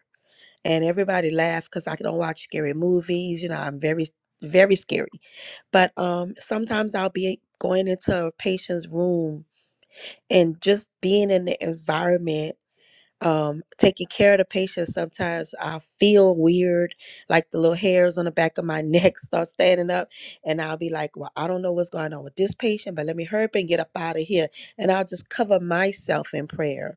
S8: and everybody laughed because I don't watch scary movies. You know, I'm very, very scary. But um, sometimes I'll be going into a patient's room and just being in the environment, um, taking care of the patient. Sometimes I feel weird, like the little hairs on the back of my neck start standing up, and I'll be like, "Well, I don't know what's going on with this patient, but let me hurry up and get up out of here." And I'll just cover myself in prayer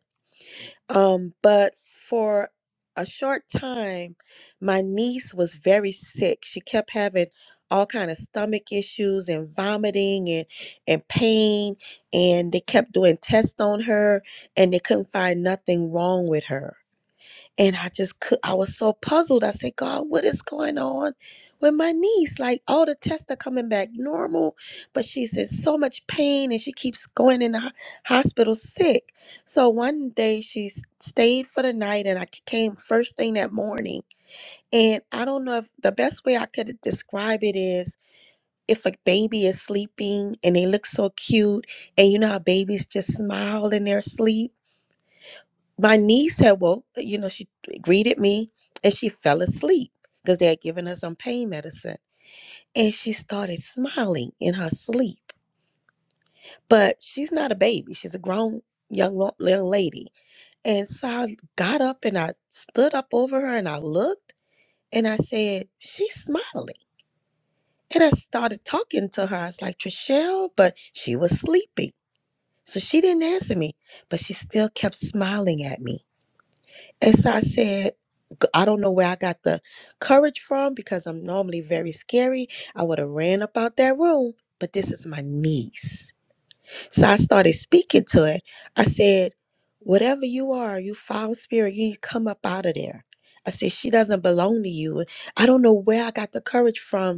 S8: um, but for a short time, my niece was very sick. She kept having all kind of stomach issues and vomiting and and pain, and they kept doing tests on her, and they couldn't find nothing wrong with her. And I just could, I was so puzzled. I said, God, what is going on with my niece? Like all the tests are coming back normal, but she's in so much pain and she keeps going in the ho- hospital sick. So one day she s- stayed for the night and I c- came first thing that morning. And I don't know if the best way I could describe it is if a baby is sleeping and they look so cute and you know how babies just smile in their sleep my niece had woke, you know, she greeted me and she fell asleep because they had given her some pain medicine. And she started smiling in her sleep. But she's not a baby, she's a grown young, lo- young lady. And so I got up and I stood up over her and I looked and I said, She's smiling. And I started talking to her. I was like, Trishelle, but she was sleeping. So she didn't answer me, but she still kept smiling at me. And so I said, "G- I don't know where I got the courage from because I'm normally very scary. I would have ran up out that room, but this is my niece. So I started speaking to it. I said, Whatever you are, you foul spirit, you need to come up out of there. I said, She doesn't belong to you. I don't know where I got the courage from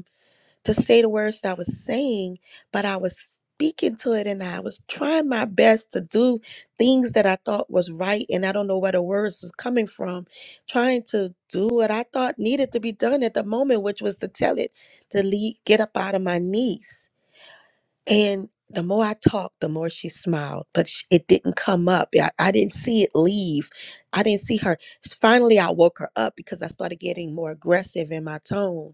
S8: to say the words that I was saying, but I was speaking to it and I was trying my best to do things that I thought was right. And I don't know where the words was coming from, trying to do what I thought needed to be done at the moment, which was to tell it to leave, get up out of my knees. And the more I talked, the more she smiled, but sh it didn't come up. I, I didn't see it leave. I didn't see her. Finally, I woke her up because I started getting more aggressive in my tone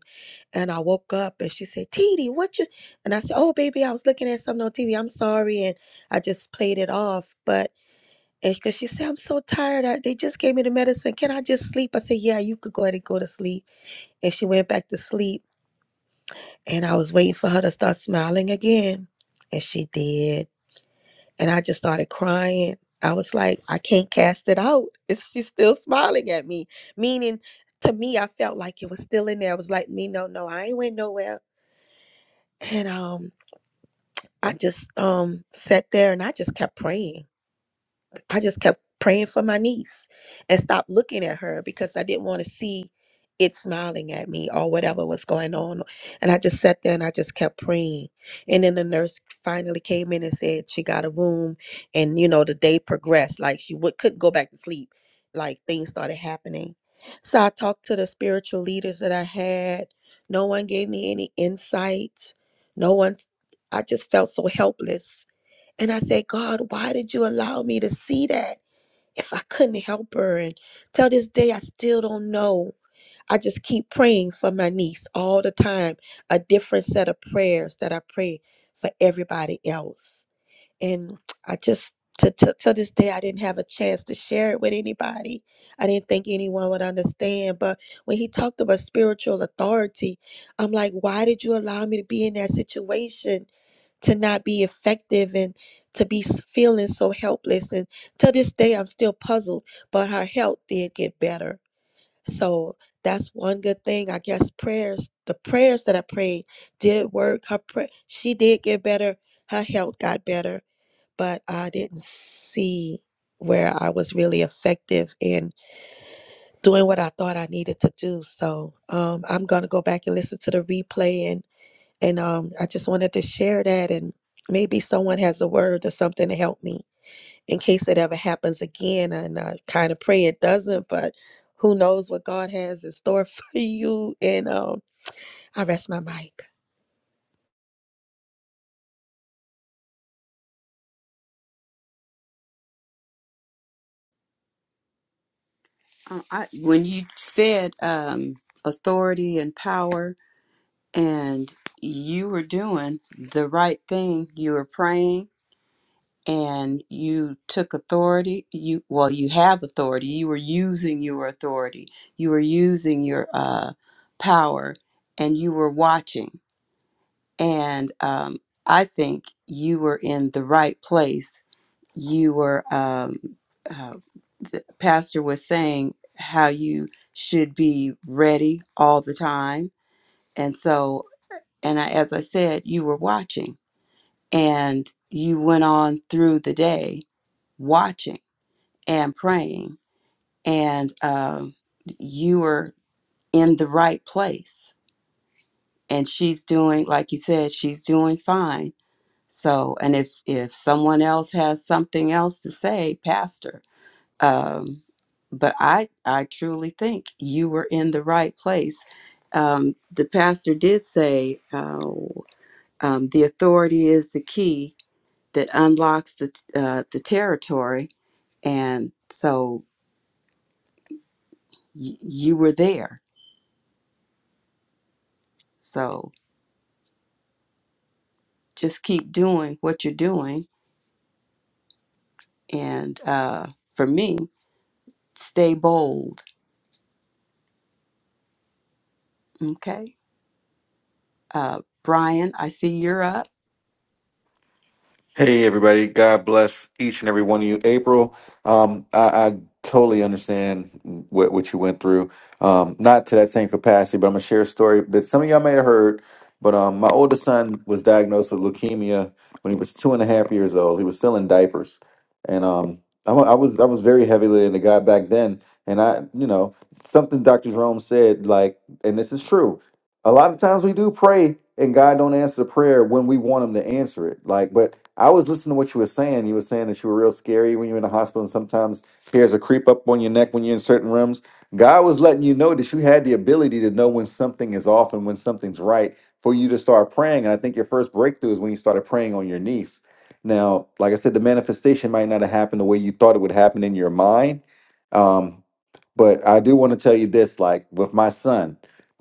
S8: and I woke up and she said, Titi, what you and I said, Oh baby, I was looking at something on TV. I'm sorry. And I just played it off. But it's because she said, I'm so tired. I, they just gave me the medicine. Can I just sleep? I said, Yeah, you could go ahead and go to sleep. And she went back to sleep. And I was waiting for her to start smiling again. And she did. And I just started crying. I was like, I can't cast it out. It's she's still smiling at me. Meaning to me, I felt like it was still in there. I was like, me, no, no, I ain't went nowhere. And um I just um sat there and I just kept praying. I just kept praying for my niece and stopped looking at her because I didn't want to see it smiling at me or whatever was going on. And I just sat there and I just kept praying. And then the nurse finally came in and said she got a room. And, you know, the day progressed. Like she would, couldn't go back to sleep. Like things started happening. So I talked to the spiritual leaders that I had. No one gave me any insight. No one, I just felt so helpless and I said, God, why did you allow me to see that if I couldn't help her? And till this day, I still don't know. I just keep praying for my niece all the time, a different set of prayers that I pray for everybody else and I just to, to to this day I didn't have a chance to share it with anybody. I didn't think anyone would understand. But when he talked about spiritual authority, I'm like, why did you allow me to be in that situation to not be effective and to be s- feeling so helpless? And to this day, I'm still puzzled. But her health did get better. So that's one good thing. I guess prayers, the prayers that I prayed did work. Her pray, she did get better. Her health got better but I didn't see where I was really effective in doing what I thought I needed to do. So um, I'm gonna go back and listen to the replay, and and um, I just wanted to share that, and maybe someone has a word or something to help me in case it ever happens again. And I kind of pray it doesn't, but who knows what God has in store for you? And um, I rest my mic.
S2: uh, I, when you said um, authority and power, and you were doing the right thing, you were praying and you took authority you well you have authority you were using your authority you were using your uh, power and you were watching and um, i think you were in the right place you were um, uh, the pastor was saying how you should be ready all the time and so and I, as i said you were watching and you went on through the day watching and praying and um, you were in the right place and she's doing like you said she's doing fine so and if if someone else has something else to say pastor um but i i truly think you were in the right place um the pastor did say uh, um, the authority is the key that unlocks the uh, the territory and so y- you were there So just keep doing what you're doing. And uh, for me, stay bold. Okay. Uh, Brian, I see you're up.
S9: Hey everybody, God bless each and every one of you. April, um, I, I totally understand what, what you went through. Um, not to that same capacity, but I'm gonna share a story that some of y'all may have heard. But um, my oldest son was diagnosed with leukemia when he was two and a half years old. He was still in diapers, and um, I, wa- I was I was very heavily into God back then. And I, you know, something Dr. Jerome said, like, and this is true a lot of times we do pray and God don't answer the prayer when we want him to answer it. Like, but I was listening to what you were saying. You were saying that you were real scary when you were in the hospital and sometimes hairs will creep up on your neck when you're in certain rooms. God was letting you know that you had the ability to know when something is off and when something's right for you to start praying. And I think your first breakthrough is when you started praying on your knees. Now, like I said, the manifestation might not have happened the way you thought it would happen in your mind. Um, but I do want to tell you this, like with my son.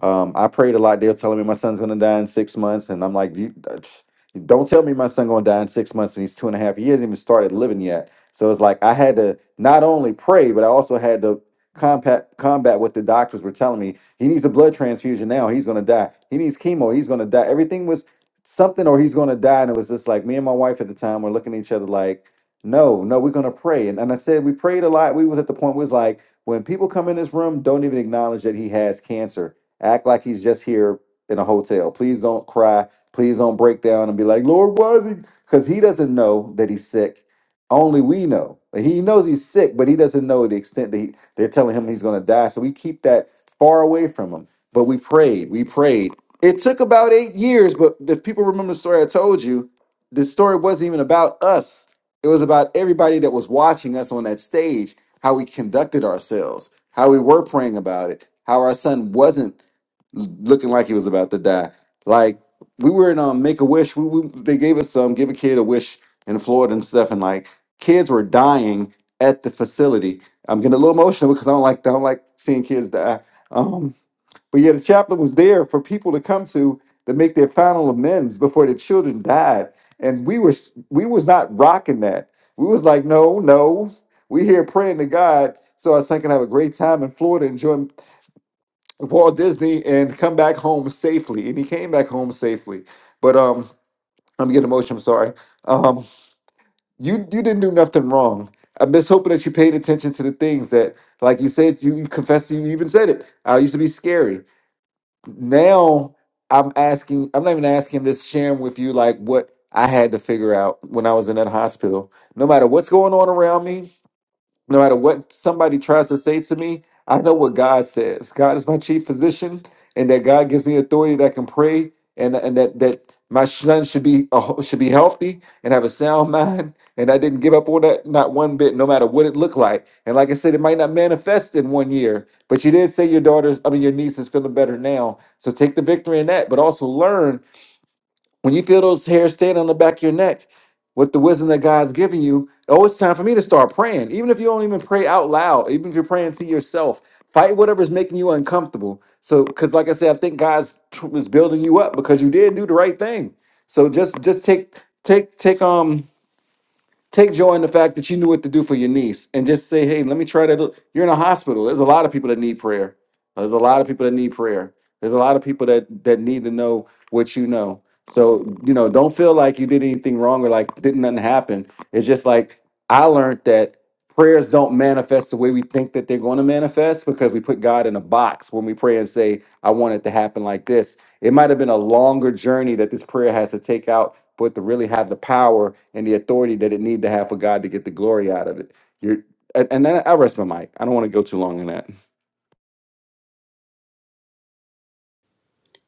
S9: Um, I prayed a lot. They were telling me my son's gonna die in six months, and I'm like, you, don't tell me my son gonna die in six months, and he's two and a half. He hasn't even started living yet. So it's like I had to not only pray, but I also had to combat combat what the doctors were telling me. He needs a blood transfusion now. He's gonna die. He needs chemo. He's gonna die. Everything was something, or he's gonna die. And it was just like me and my wife at the time were looking at each other like, no, no, we're gonna pray. And and I said we prayed a lot. We was at the point where it was like when people come in this room, don't even acknowledge that he has cancer Act like he's just here in a hotel. Please don't cry. Please don't break down and be like, Lord, why is he? Because he doesn't know that he's sick. Only we know. He knows he's sick, but he doesn't know the extent that he, they're telling him he's going to die. So we keep that far away from him. But we prayed. We prayed. It took about eight years, but if people remember the story I told you, the story wasn't even about us. It was about everybody that was watching us on that stage, how we conducted ourselves, how we were praying about it, how our son wasn't looking like he was about to die. Like we were in um Make a Wish. We, we they gave us some give a kid a wish in Florida and stuff, and like kids were dying at the facility. I'm getting a little emotional because I don't like I don't like seeing kids die. Um, but yeah, the chaplain was there for people to come to to make their final amends before the children died, and we were s- we was not rocking that. We was like, no, no, we here praying to God so our son can have a great time in Florida, enjoy Walt Disney and come back home safely. And he came back home safely. But um, I'm getting emotional. I'm sorry. Um, you you didn't do nothing wrong. I'm just hoping that you paid attention to the things that, like you said, you, you confessed. You even said it. I used to be scary. Now I'm asking. I'm not even asking. This sharing with you, like what I had to figure out when I was in that hospital. No matter what's going on around me, no matter what somebody tries to say to me, I know what God says. God is my chief physician, and that God gives me authority that I can pray, and and that that my son should be a- should be healthy and have a sound mind. And I didn't give up on that, not one bit, no matter what it looked like. And like I said, it might not manifest in one year, but you did say your daughter's, I mean, your niece is feeling better now. So take the victory in that, but also learn when you feel those hairs stand on the back of your neck with the wisdom that God's giving you, oh, it's time for me to start praying. Even if you don't even pray out loud, even if you're praying to yourself, fight whatever's making you uncomfortable. So, because like I said, I think God's tr- is building you up because you did do the right thing. So just just take take take um Take joy in the fact that you knew what to do for your niece and just say, hey, let me try that. You're in a hospital. There's a lot of people that need prayer. There's a lot of people that need prayer. There's a lot of people that that need to know what you know. So, you know, don't feel like you did anything wrong or like didn't nothing happen. It's just like I learned that prayers don't manifest the way we think that they're going to manifest because we put God in a box when we pray and say, I want it to happen like this. It might have been a longer journey that this prayer has to take out but to really have the power and the authority that it need to have for God to get the glory out of it. You're, and, and then I rest my mic. I don't want to go too long in that.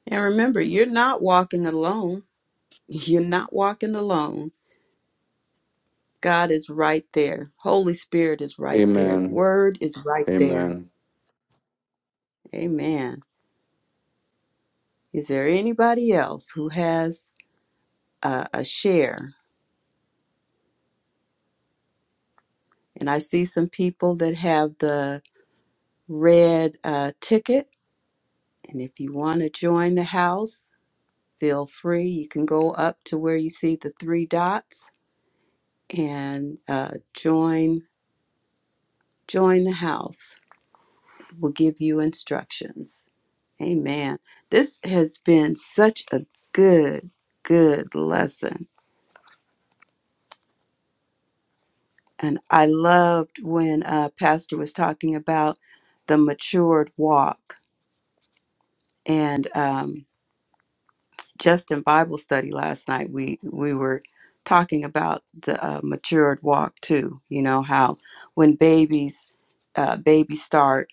S2: And remember, you're not walking alone. You're not walking alone. God is right there. Holy Spirit is right there. The
S9: Amen.
S2: Word is right there.
S9: Amen.
S2: Amen. Is there anybody else who has uh, a share? And I see some people that have the red uh, ticket. And if you want to join the house, Feel free. You can go up to where you see the three dots and uh, join join the house. We'll give you instructions. Amen. This has been such a good, good lesson. And I loved when uh, Pastor was talking about the matured walk. And um, just in Bible study last night, we we were talking about the uh, matured walk too. You know how when babies uh, babies start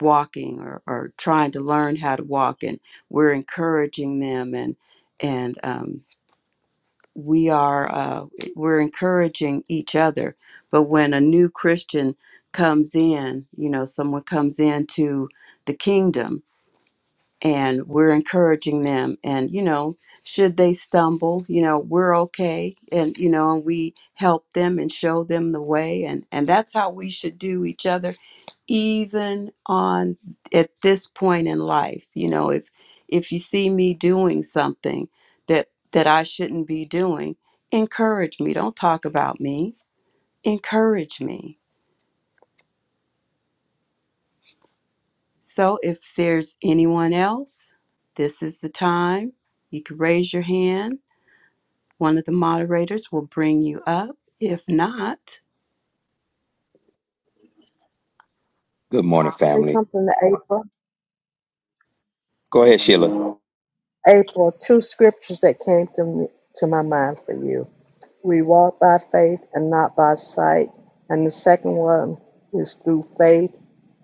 S2: walking or, or trying to learn how to walk, and we're encouraging them, and and um, we are uh, we're encouraging each other. But when a new Christian comes in, you know, someone comes into the kingdom, and we're encouraging them and you know should they stumble you know we're okay and you know and we help them and show them the way and and that's how we should do each other even on at this point in life you know if if you see me doing something that that I shouldn't be doing encourage me don't talk about me encourage me so if there's anyone else this is the time you can raise your hand One of the moderators will bring you up. If not,
S6: Good morning,
S7: I say
S6: family.
S7: something to April.
S6: Go ahead, Sheila. Good
S7: April, two scriptures that came to me, to my mind for you. We walk by faith and not by sight. And the second one is through faith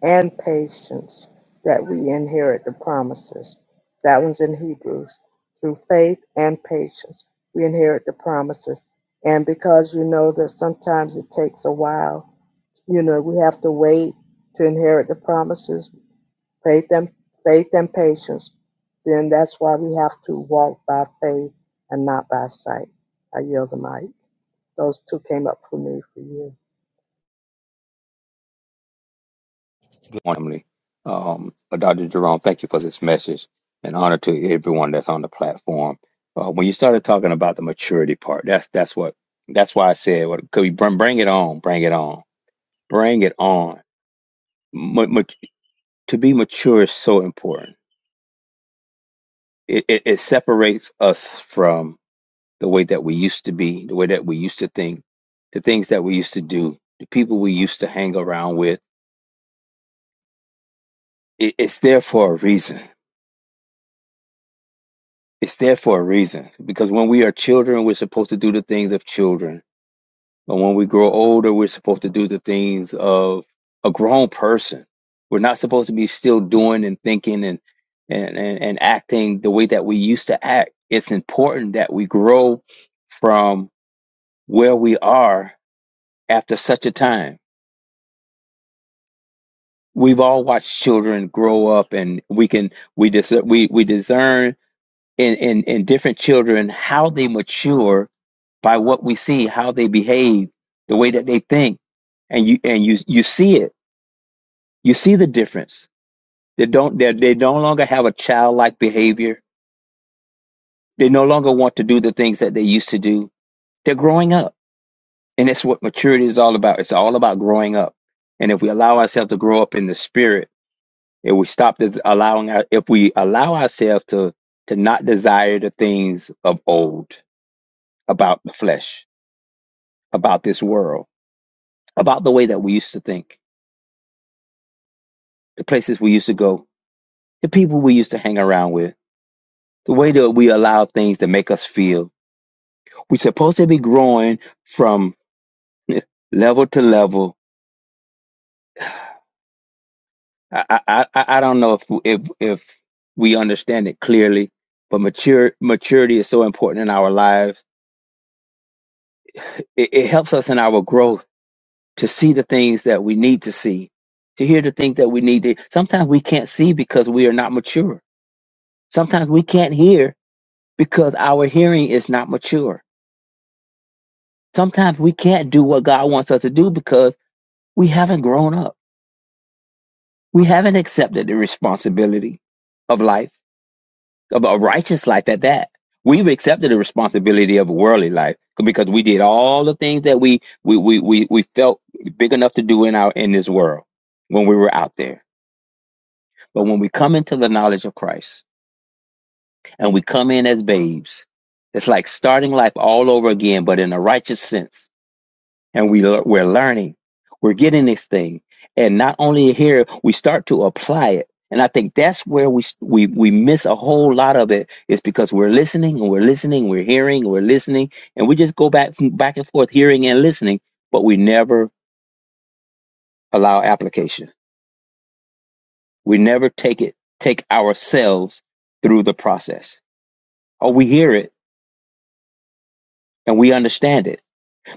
S7: and patience that we inherit the promises. That one's in Hebrews. Through faith and patience, we inherit the promises. And because you know that sometimes it takes a while You know, we have to wait to inherit the promises, faith and faith and patience. Then that's why we have to walk by faith and not by sight. I yield the mic. Those two came up for me for you.
S6: morning, family. Um, uh, Dr. Jerome, thank you for this message and honor to everyone that's on the platform. Uh, when you started talking about the maturity part, that's that's what that's why I said, what, could we bring, bring it on, bring it on, bring it on. Ma- ma- to be mature is so important. It, it, it separates us from the way that we used to be, the way that we used to think, the things that we used to do, the people we used to hang around with it, it's there for a reason. It's there for a reason because when we are children, we're supposed to do the things of children, but when we grow older, we're supposed to do the things of a grown person. We're not supposed to be still doing and thinking and and and, and acting the way that we used to act. It's important that we grow from where we are after such a time. We've all watched children grow up, and we can we dis- we we discern in, in, in different children, how they mature by what we see, how they behave, the way that they think. And you, and you, you see it. You see the difference. They don't, they they no longer have a childlike behavior. They no longer want to do the things that they used to do. They're growing up. And that's what maturity is all about. It's all about growing up. And if we allow ourselves to grow up in the spirit, if we stop this allowing our, if we allow ourselves to, to not desire the things of old about the flesh, about this world, about the way that we used to think, the places we used to go, the people we used to hang around with, the way that we allow things to make us feel. We're supposed to be growing from level to level. I I I I don't know if if if we understand it clearly, but mature maturity is so important in our lives. It, it helps us in our growth to see the things that we need to see, to hear the things that we need to. Sometimes we can't see because we are not mature. Sometimes we can't hear because our hearing is not mature. Sometimes we can't do what God wants us to do because we haven't grown up. We haven't accepted the responsibility of life, of a righteous life at that. We've accepted the responsibility of worldly life because we did all the things that we we, we, we, we felt big enough to do in our in this world when we were out there. But when we come into the knowledge of Christ and we come in as babes, it's like starting life all over again, but in a righteous sense and we we're learning we're getting this thing and not only here we start to apply it and i think that's where we we we miss a whole lot of it is because we're listening and we're listening we're hearing we're listening and we just go back from- back and forth hearing and listening but we never allow application we never take it take ourselves through the process or we hear it and we understand it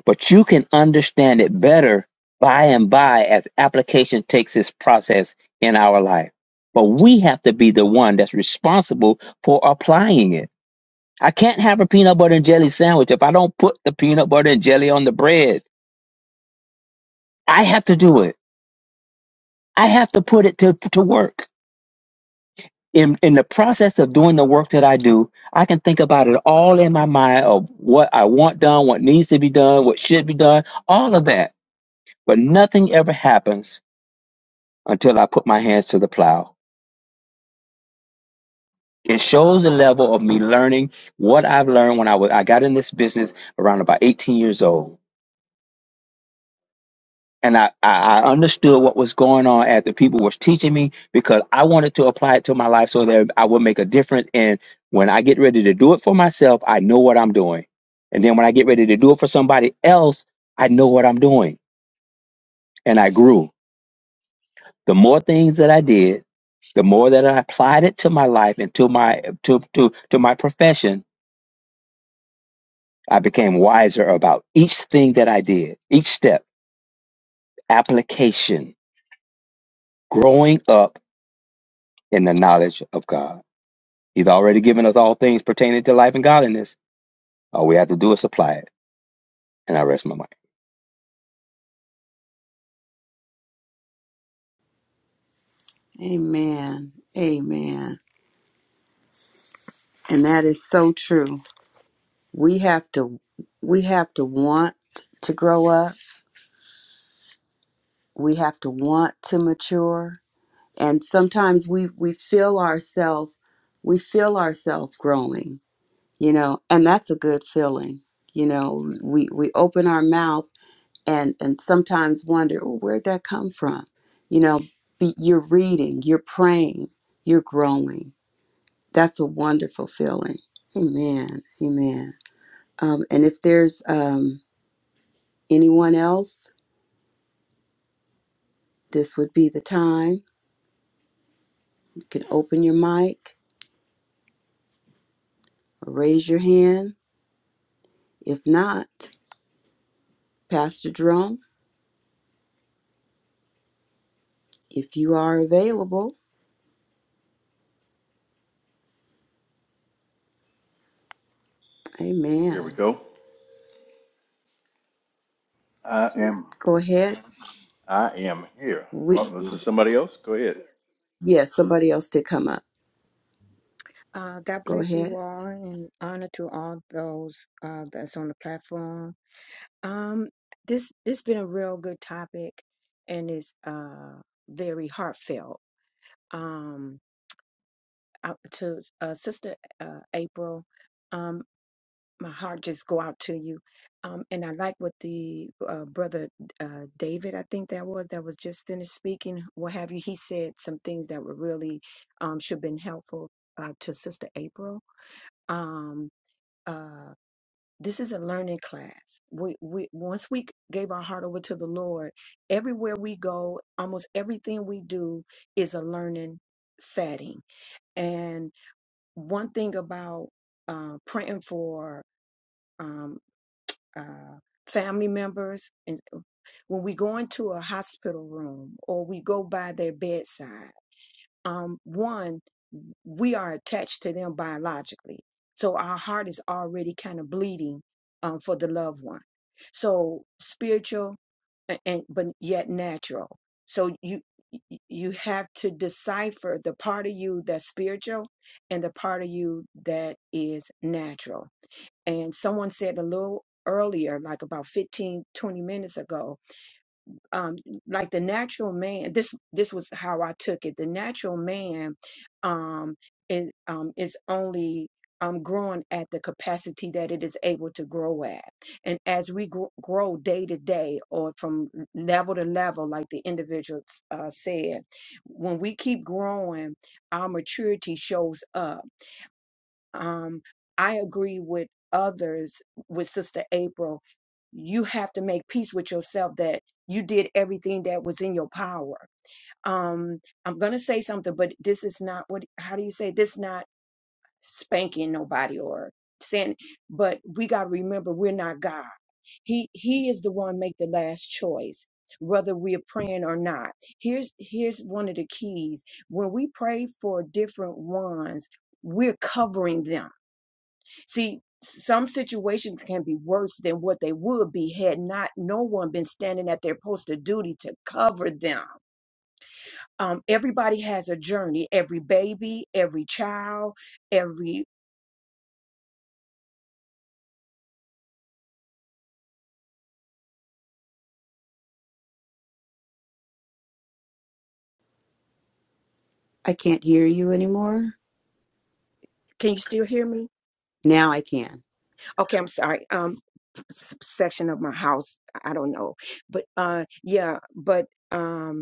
S6: but you can understand it better by and by as application takes its process in our life. But we have to be the one that's responsible for applying it. I can't have a peanut butter and jelly sandwich if I don't put the peanut butter and jelly on the bread. I have to do it. I have to put it to, to work. In, in the process of doing the work that I do, I can think about it all in my mind of what I want done, what needs to be done, what should be done, all of that. But nothing ever happens until I put my hands to the plow. It shows the level of me learning what I've learned when I was I got in this business around about 18 years old. And I, I I understood what was going on as the people was teaching me because I wanted to apply it to my life so that I would make a difference. And when I get ready to do it for myself, I know what I'm doing. And then when I get ready to do it for somebody else, I know what I'm doing. And I grew. The more things that I did, the more that I applied it to my life and to my to to to my profession, I became wiser about each thing that I did, each step, application, growing up in the knowledge of God. He's already given us all things pertaining to life and godliness. All we have to do is supply it. And I rest my mind.
S2: amen. Amen. And that is so true. We have to we have to want to grow up. We have to want to mature. And sometimes we we feel ourselves we feel ourselves growing, you know, and that's a good feeling. You know, we we open our mouth and and sometimes wonder well, where'd that come from you know be, you're reading you're praying you're growing that's a wonderful feeling amen amen um, and if there's um, anyone else this would be the time you can open your mic or raise your hand if not pastor jerome if you are available
S3: There we
S2: amen
S3: go. I am.
S2: go ahead
S3: I am here.
S2: we,
S3: Oh, this is somebody else. Go ahead.
S2: yes somebody else did come up
S10: Uh, God
S2: go
S10: bless
S2: ahead
S10: you all and honor to all those uh, that's on the platform. Um, this this been a real good topic and it's uh, very heartfelt. Um, out to uh, Sister uh, April, um, my heart just go out to you. Um, and I like what the uh, brother uh, David, I think that was that was just finished speaking. What have you? He said some things that were really um, should have been helpful uh, to Sister April. Um, uh, this is a learning class. We, we once we gave our heart over to the Lord, everywhere we go, almost everything we do is a learning setting. And one thing about uh, praying for um, uh, family members, and when we go into a hospital room or we go by their bedside, um, one we are attached to them biologically. So our heart is already kind of bleeding um, for the loved one. So spiritual a- and but yet natural. So you y- you have to decipher the part of you that's spiritual and the part of you that is natural. And someone said a little earlier, like about 15 20 minutes ago, um like the natural man this this was how i took it the natural man um is um is only um growing at the capacity that it is able to grow at and as we grow, grow day to day or from level to level like the individual uh, said when we keep growing our maturity shows up um, I agree with others, with Sister April. You have to make peace with yourself that you did everything that was in your power. Um, I'm going to say something, but this is not what, how do you say, this not spanking nobody or saying, but we got to remember we're not God. He, he is the one make the last choice, whether we're praying or not. Here's, here's one of the keys. When we pray for different ones, we're covering them See, some situations can be worse than what they would be had not no one been standing at their post of duty to cover them. Um, everybody has a journey. Every baby, every child, every.
S2: i can't hear you anymore
S10: Can you still hear me?
S2: Now I can.
S10: Okay, I'm sorry. Um, s- section of my house. I don't know, but uh, yeah, but um.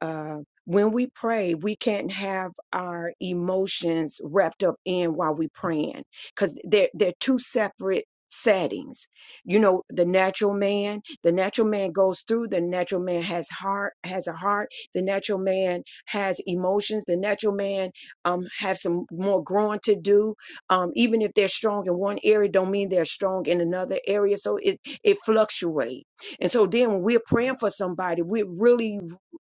S10: uh, when we pray, we can't have our emotions wrapped up in while we're praying because they're, they're two separate settings. You know, the natural man, the natural man goes through, the natural man has heart, has a heart, the natural man has emotions, the natural man um has some more growing to do. Um, even if they're strong in one area, don't mean they're strong in another area. So it it fluctuates. And so then when we're praying for somebody, we're really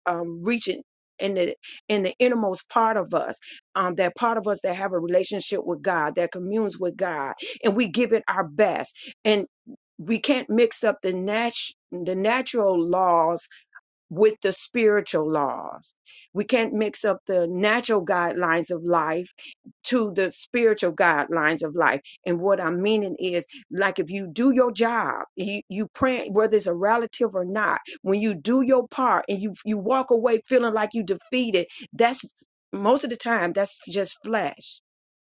S10: um, reaching in the in the innermost part of us, um, that part of us that have a relationship with God, that communes with God, and we give it our best. And we can't mix up the nat- the natural laws with the spiritual laws. We can't mix up the natural guidelines of life to the spiritual guidelines of life. And what I'm meaning is, like, if you do your job, you, you pray, whether it's a relative or not, when you do your part and you you walk away feeling like you defeated, that's most of the time that's just flesh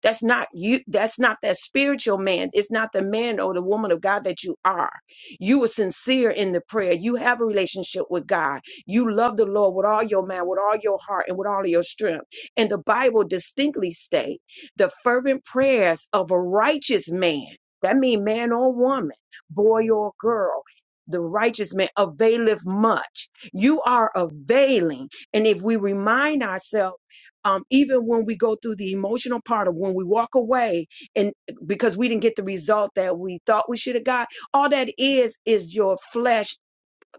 S10: that's not you. That's not that spiritual man. It's not the man or the woman of God that you are. You were sincere in the prayer. You have a relationship with God. You love the Lord with all your mind, with all your heart, and with all of your strength. And the Bible distinctly state the fervent prayers of a righteous man. That means man or woman, boy or girl. The righteous man availeth much. You are availing. And if we remind ourselves um, even when we go through the emotional part of when we walk away and because we didn't get the result that we thought we should have got all that is is your flesh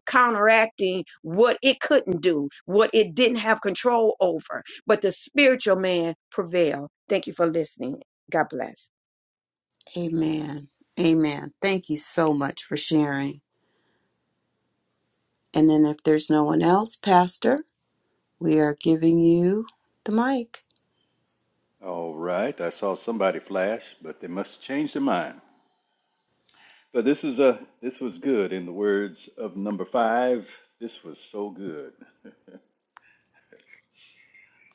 S10: counteracting what it couldn't do what it didn't have control over but the spiritual man prevail thank you for listening god bless
S2: Amen. Amen. Thank you so much for sharing. And then if there's no one else, Pastor, we are giving you the mic.
S3: All right. I saw somebody flash, but they must change their mind. But this was a this was good in the words of number five. This was so good.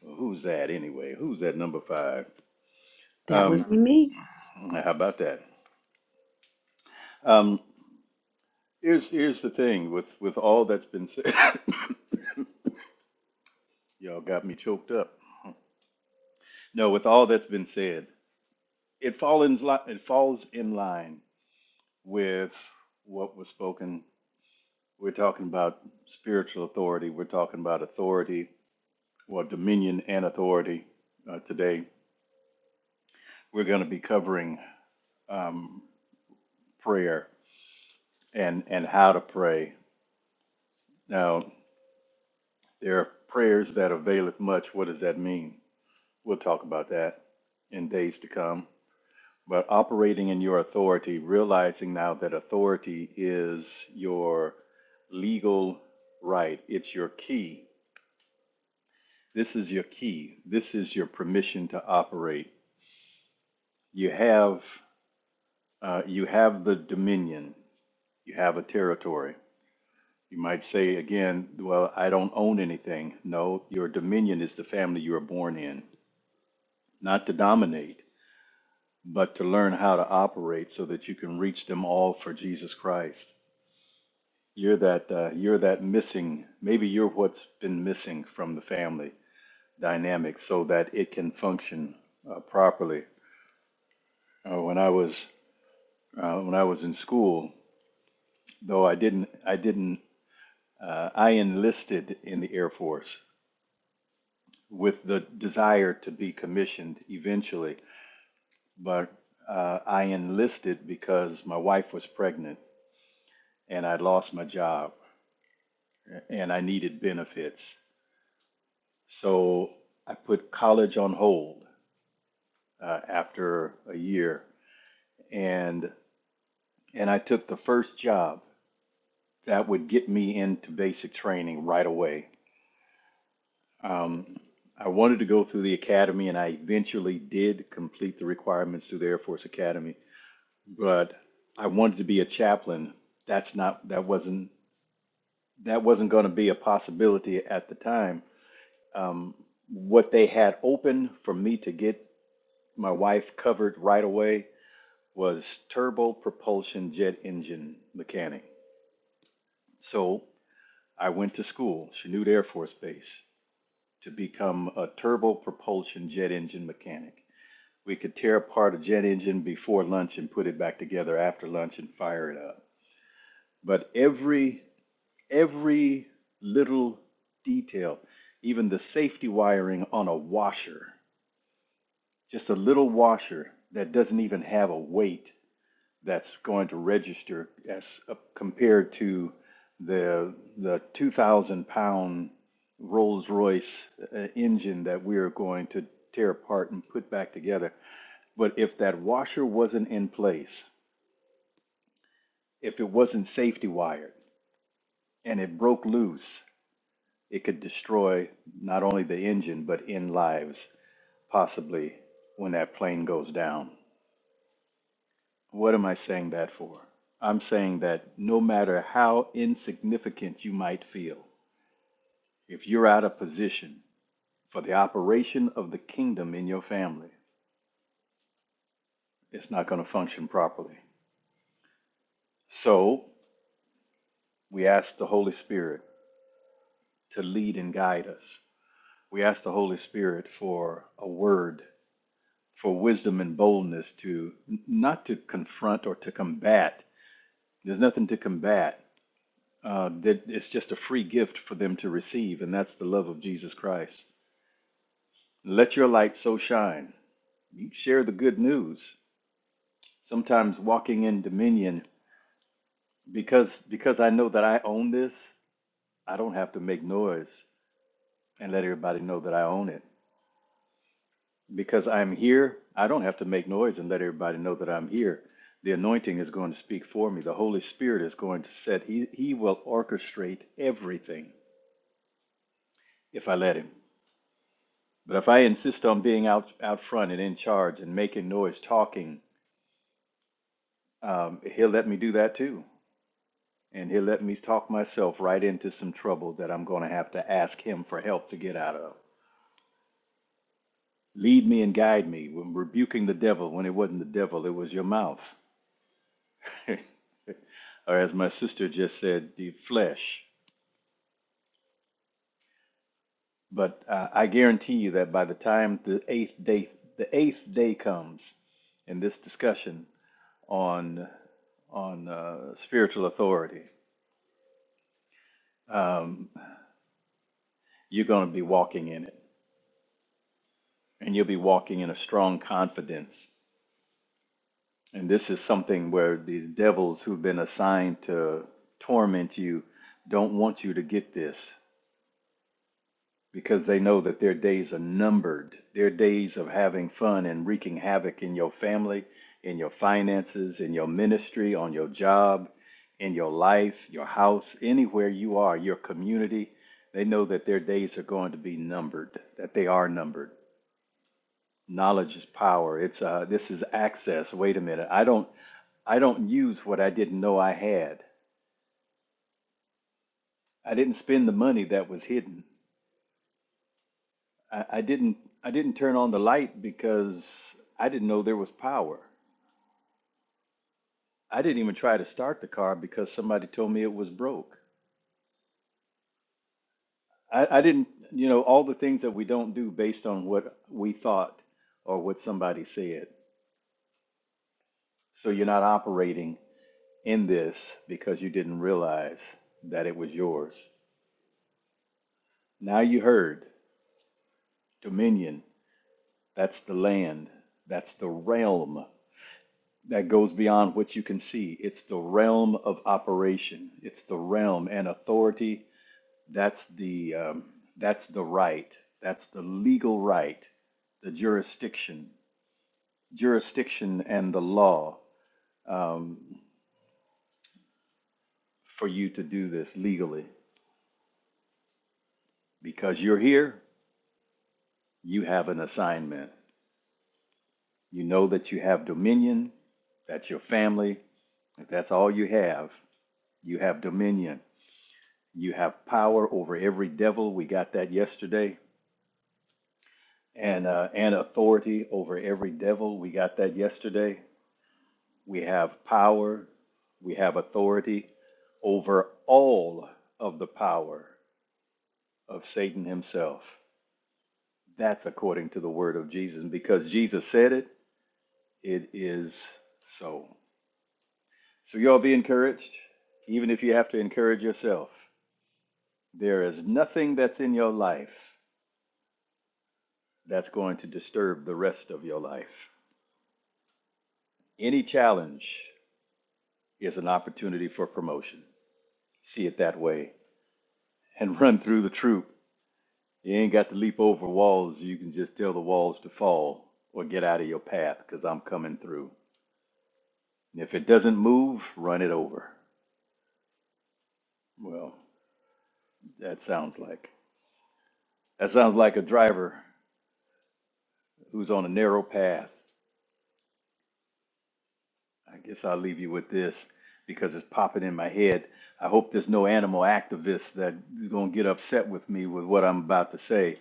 S3: Well, who's that anyway? Who's that number five?
S2: That would be
S3: Um,
S2: me.
S3: how about that? Um, here's here's the thing with with all that's been said. Y'all got me choked up. No, with all that's been said, it falls in li- it falls in line with what was spoken. We're talking about spiritual authority. We're talking about authority, well, dominion and authority uh, today we're going to be covering um, prayer and and how to pray. Now, there are prayers that availeth much. What does that mean? We'll talk about that in days to come. But operating in your authority, realizing now that authority is your legal right. It's your key. This is your key. This is your permission to operate. You have uh, you have the dominion. You have a territory You might say again, well, I don't own anything. No, your dominion is the family you are born in, not to dominate, but to learn how to operate so that you can reach them all for Jesus Christ. You're that uh, you're that missing. Maybe you're what's been missing from the family dynamic, so that it can function uh, properly. Uh, when I was uh, when I was in school, though, I didn't I didn't uh, I enlisted in the Air Force with the desire to be commissioned eventually. But uh, I enlisted because my wife was pregnant and I lost my job and I needed benefits. So I put college on hold uh, after a year and and I took the first job that would get me into basic training right away. Um, I wanted to go through the academy and I eventually did complete the requirements through the Air Force Academy but I wanted to be a chaplain. That's not that wasn't that wasn't going to be a possibility at the time. Um, what they had open for me to get my wife covered right away was turbo propulsion jet engine mechanic. So I went to school, Chanute Air Force Base, to become a turbo propulsion jet engine mechanic. We could tear apart a jet engine before lunch and put it back together after lunch and fire it up. But every every little detail, even the safety wiring on a washer, just a little washer that doesn't even have a weight that's going to register as uh, compared to the the 2,000 pound Rolls Royce uh, engine that we are going to tear apart and put back together. But if that washer wasn't in place, if it wasn't safety wired and it broke loose, It could destroy not only the engine, but end lives, possibly when that plane goes down. What am I saying that for? I'm saying that no matter how insignificant you might feel, if you're out of position for the operation of the kingdom in your family, it's not going to function properly. So we ask the Holy Spirit to lead and guide us. We ask the Holy Spirit for a word for wisdom and boldness to n- not to confront or to combat. There's nothing to combat. Uh, that it's just a free gift for them to receive, and that's the love of Jesus Christ. Let your light so shine. You share the good news. Sometimes walking in dominion, because because I know that I own this, I don't have to make noise and let everybody know that I own it. Because I'm here, I don't have to make noise and let everybody know that I'm here. The anointing is going to speak for me. The Holy Spirit is going to set, He, he will orchestrate everything if I let Him. But if I insist on being out, out front and in charge and making noise, talking, um, He'll let me do that too. And He'll let me talk myself right into some trouble that I'm going to have to ask Him for help to get out of. Lead me and guide me when rebuking the devil when it wasn't the devil, it was your mouth. or as my sister just said, the flesh. But uh, I guarantee you that by the time the eighth day, the eighth day comes, in this discussion on on uh, spiritual authority, um, you're going to be walking in it, and you'll be walking in a strong confidence. And this is something where these devils who've been assigned to torment you don't want you to get this. because they know that their days are numbered. Their days of having fun and wreaking havoc in your family, in your finances, in your ministry, on your job, in your life, your house, anywhere you are, your community, they know that their days are going to be numbered, that they are numbered. Knowledge is power. It's uh, this is access. Wait a minute. I don't I don't use what I didn't know I had. I didn't spend the money that was hidden. I, I didn't I didn't turn on the light because I didn't know there was power. I didn't even try to start the car because somebody told me it was broke. I, I didn't you know all the things that we don't do based on what we thought or what somebody said. So you're not operating in this because you didn't realize that it was yours. Now you heard dominion. That's the land. That's the realm. that goes beyond what you can see. It's the realm of operation. It's the realm and authority. That's the um, that's the right. That's the legal right. The jurisdiction, jurisdiction, and the law um, for you to do this legally. Because you're here, you have an assignment. You know that you have dominion. That's your family. If that's all you have, you have dominion. You have power over every devil. We got that yesterday. And, uh, and authority over every devil. We got that yesterday. We have power. We have authority over all of the power of Satan himself. That's according to the word of Jesus. And because Jesus said it, it is so. So, y'all be encouraged, even if you have to encourage yourself. There is nothing that's in your life that's going to disturb the rest of your life. Any challenge is an opportunity for promotion. See it that way and run through the troop. You ain't got to leap over walls. You can just tell the walls to fall or get out of your path because I'm coming through. And if it doesn't move, run it over. Well, that sounds like that sounds like a driver who's on a narrow path. I guess I'll leave you with this because it's popping in my head. I hope there's no animal activists that's gonna get upset with me with what I'm about to say.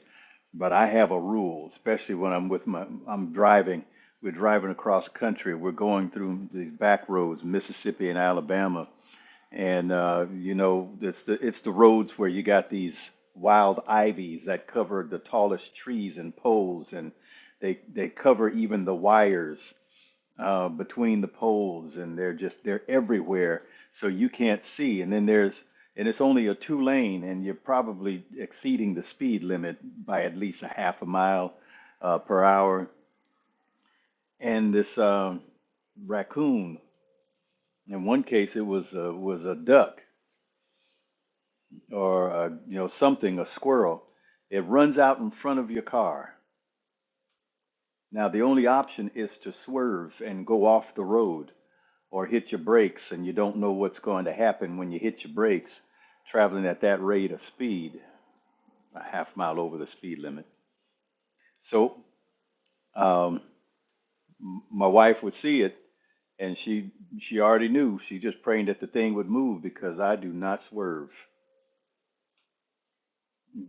S3: But I have a rule, especially when I'm with my, I'm driving, we're driving across country, we're going through these back roads, Mississippi and Alabama. And, uh, you know, it's the, it's the roads where you got these wild ivies that cover the tallest trees and poles, and they, they cover even the wires uh, between the poles and they're just they're everywhere so you can't see and then there's and it's only a two lane and you're probably exceeding the speed limit by at least a half a mile uh, per hour and this um raccoon in one case it was a, was a duck or a, you know something a squirrel it runs out in front of your car now the only option is to swerve and go off the road or hit your brakes and you don't know what's going to happen when you hit your brakes traveling at that rate of speed, a half mile over the speed limit. So um, my wife would see it and she she already knew. She just praying that the thing would move because I do not swerve.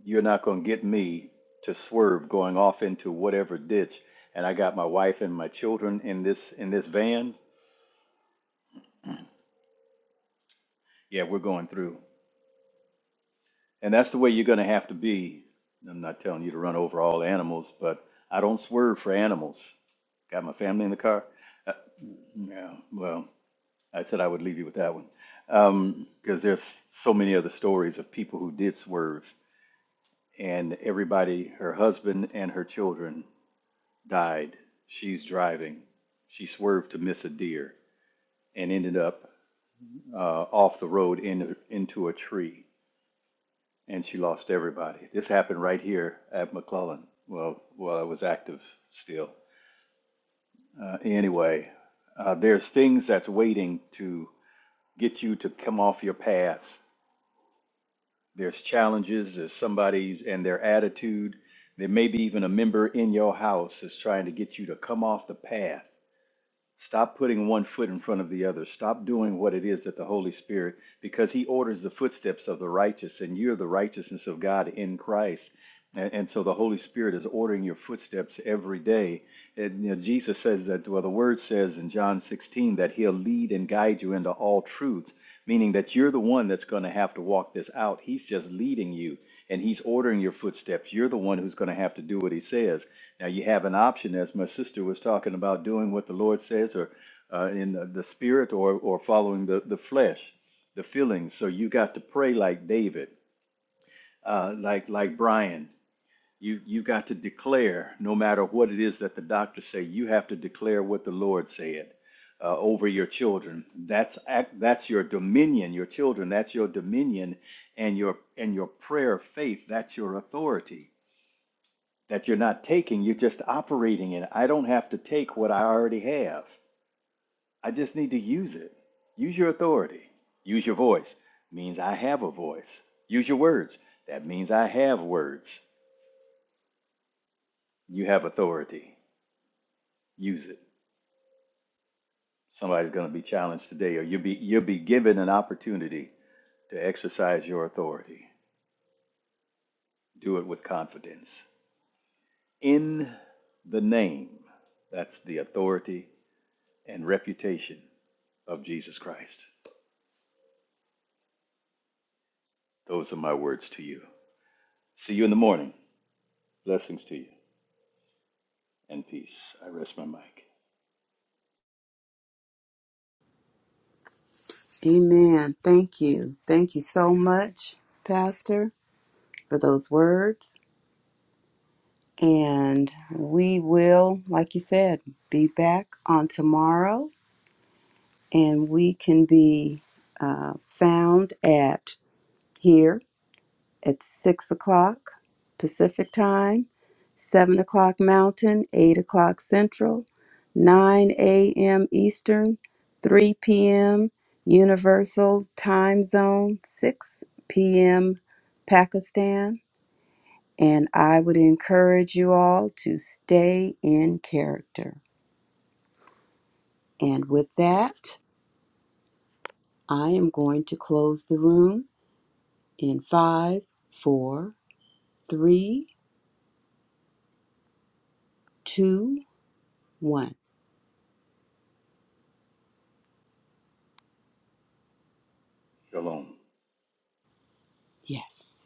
S3: You're not going to get me to swerve going off into whatever ditch. And I got my wife and my children in this in this van. Yeah, we're going through. And that's the way you're going to have to be. I'm not telling you to run over all animals, but I don't swerve for animals. Got my family in the car? Uh, yeah, well, I said I would leave you with that one. Because there's so many other stories of people who did swerve, and everybody, her husband and her children, died. She's driving. She swerved to miss a deer and ended up uh, off the road in, into a tree and she lost everybody. This happened right here at McClellan. Well, while I was active still. Uh, anyway, uh, there's things that's waiting to get you to come off your path. There's challenges. There's somebody and their attitude. There may be even a member in your house that's trying to get you to come off the path. Stop putting one foot in front of the other. Stop doing what it is that the Holy Spirit, because He orders the footsteps of the righteous, and you're the righteousness of God in Christ. And, and so the Holy Spirit is ordering your footsteps every day. And you know, Jesus says that, well, the Word says in John 16 that He'll lead and guide you into all truth, meaning that you're the one that's going to have to walk this out. He's just leading you, and He's ordering your footsteps. You're the one who's going to have to do what He says. Now you have an option, as my sister was talking about, doing what the Lord says, or uh, in the, the spirit, or or following the the flesh, the feelings. So you got to pray like David, uh, like like Brian. You you got to declare, no matter what it is that the doctors say, you have to declare what the Lord said uh, over your children. That's that's your dominion, your children. That's your dominion, and your and your prayer faith. That's your authority that you're not taking, you're just operating in. I don't have to take what I already have. I just need to use it. Use your authority. Use your voice means I have a voice. Use your words. That means I have words. You have authority. Use it. Somebody's going to be challenged today or you'll be you'll be given an opportunity to exercise your authority. Do it with confidence. In the name, that's the authority and reputation of Jesus Christ. Those are my words to you. See you in the morning. Blessings to you and peace. I rest my mic.
S2: Amen. Thank you. Thank you so much, Pastor, for those words. And we will, like you said, be back on tomorrow and we can be uh, found at here at 6 o'clock Pacific Time, 7 o'clock Mountain, 8 o'clock Central, 9 a.m. Eastern, 3 p.m. Universal Time Zone, 6 p.m. Pakistan. And I would encourage you all to stay in character. And with that, I am going to close the room in five, four, three, two, one.
S3: Shalom.
S2: Yes.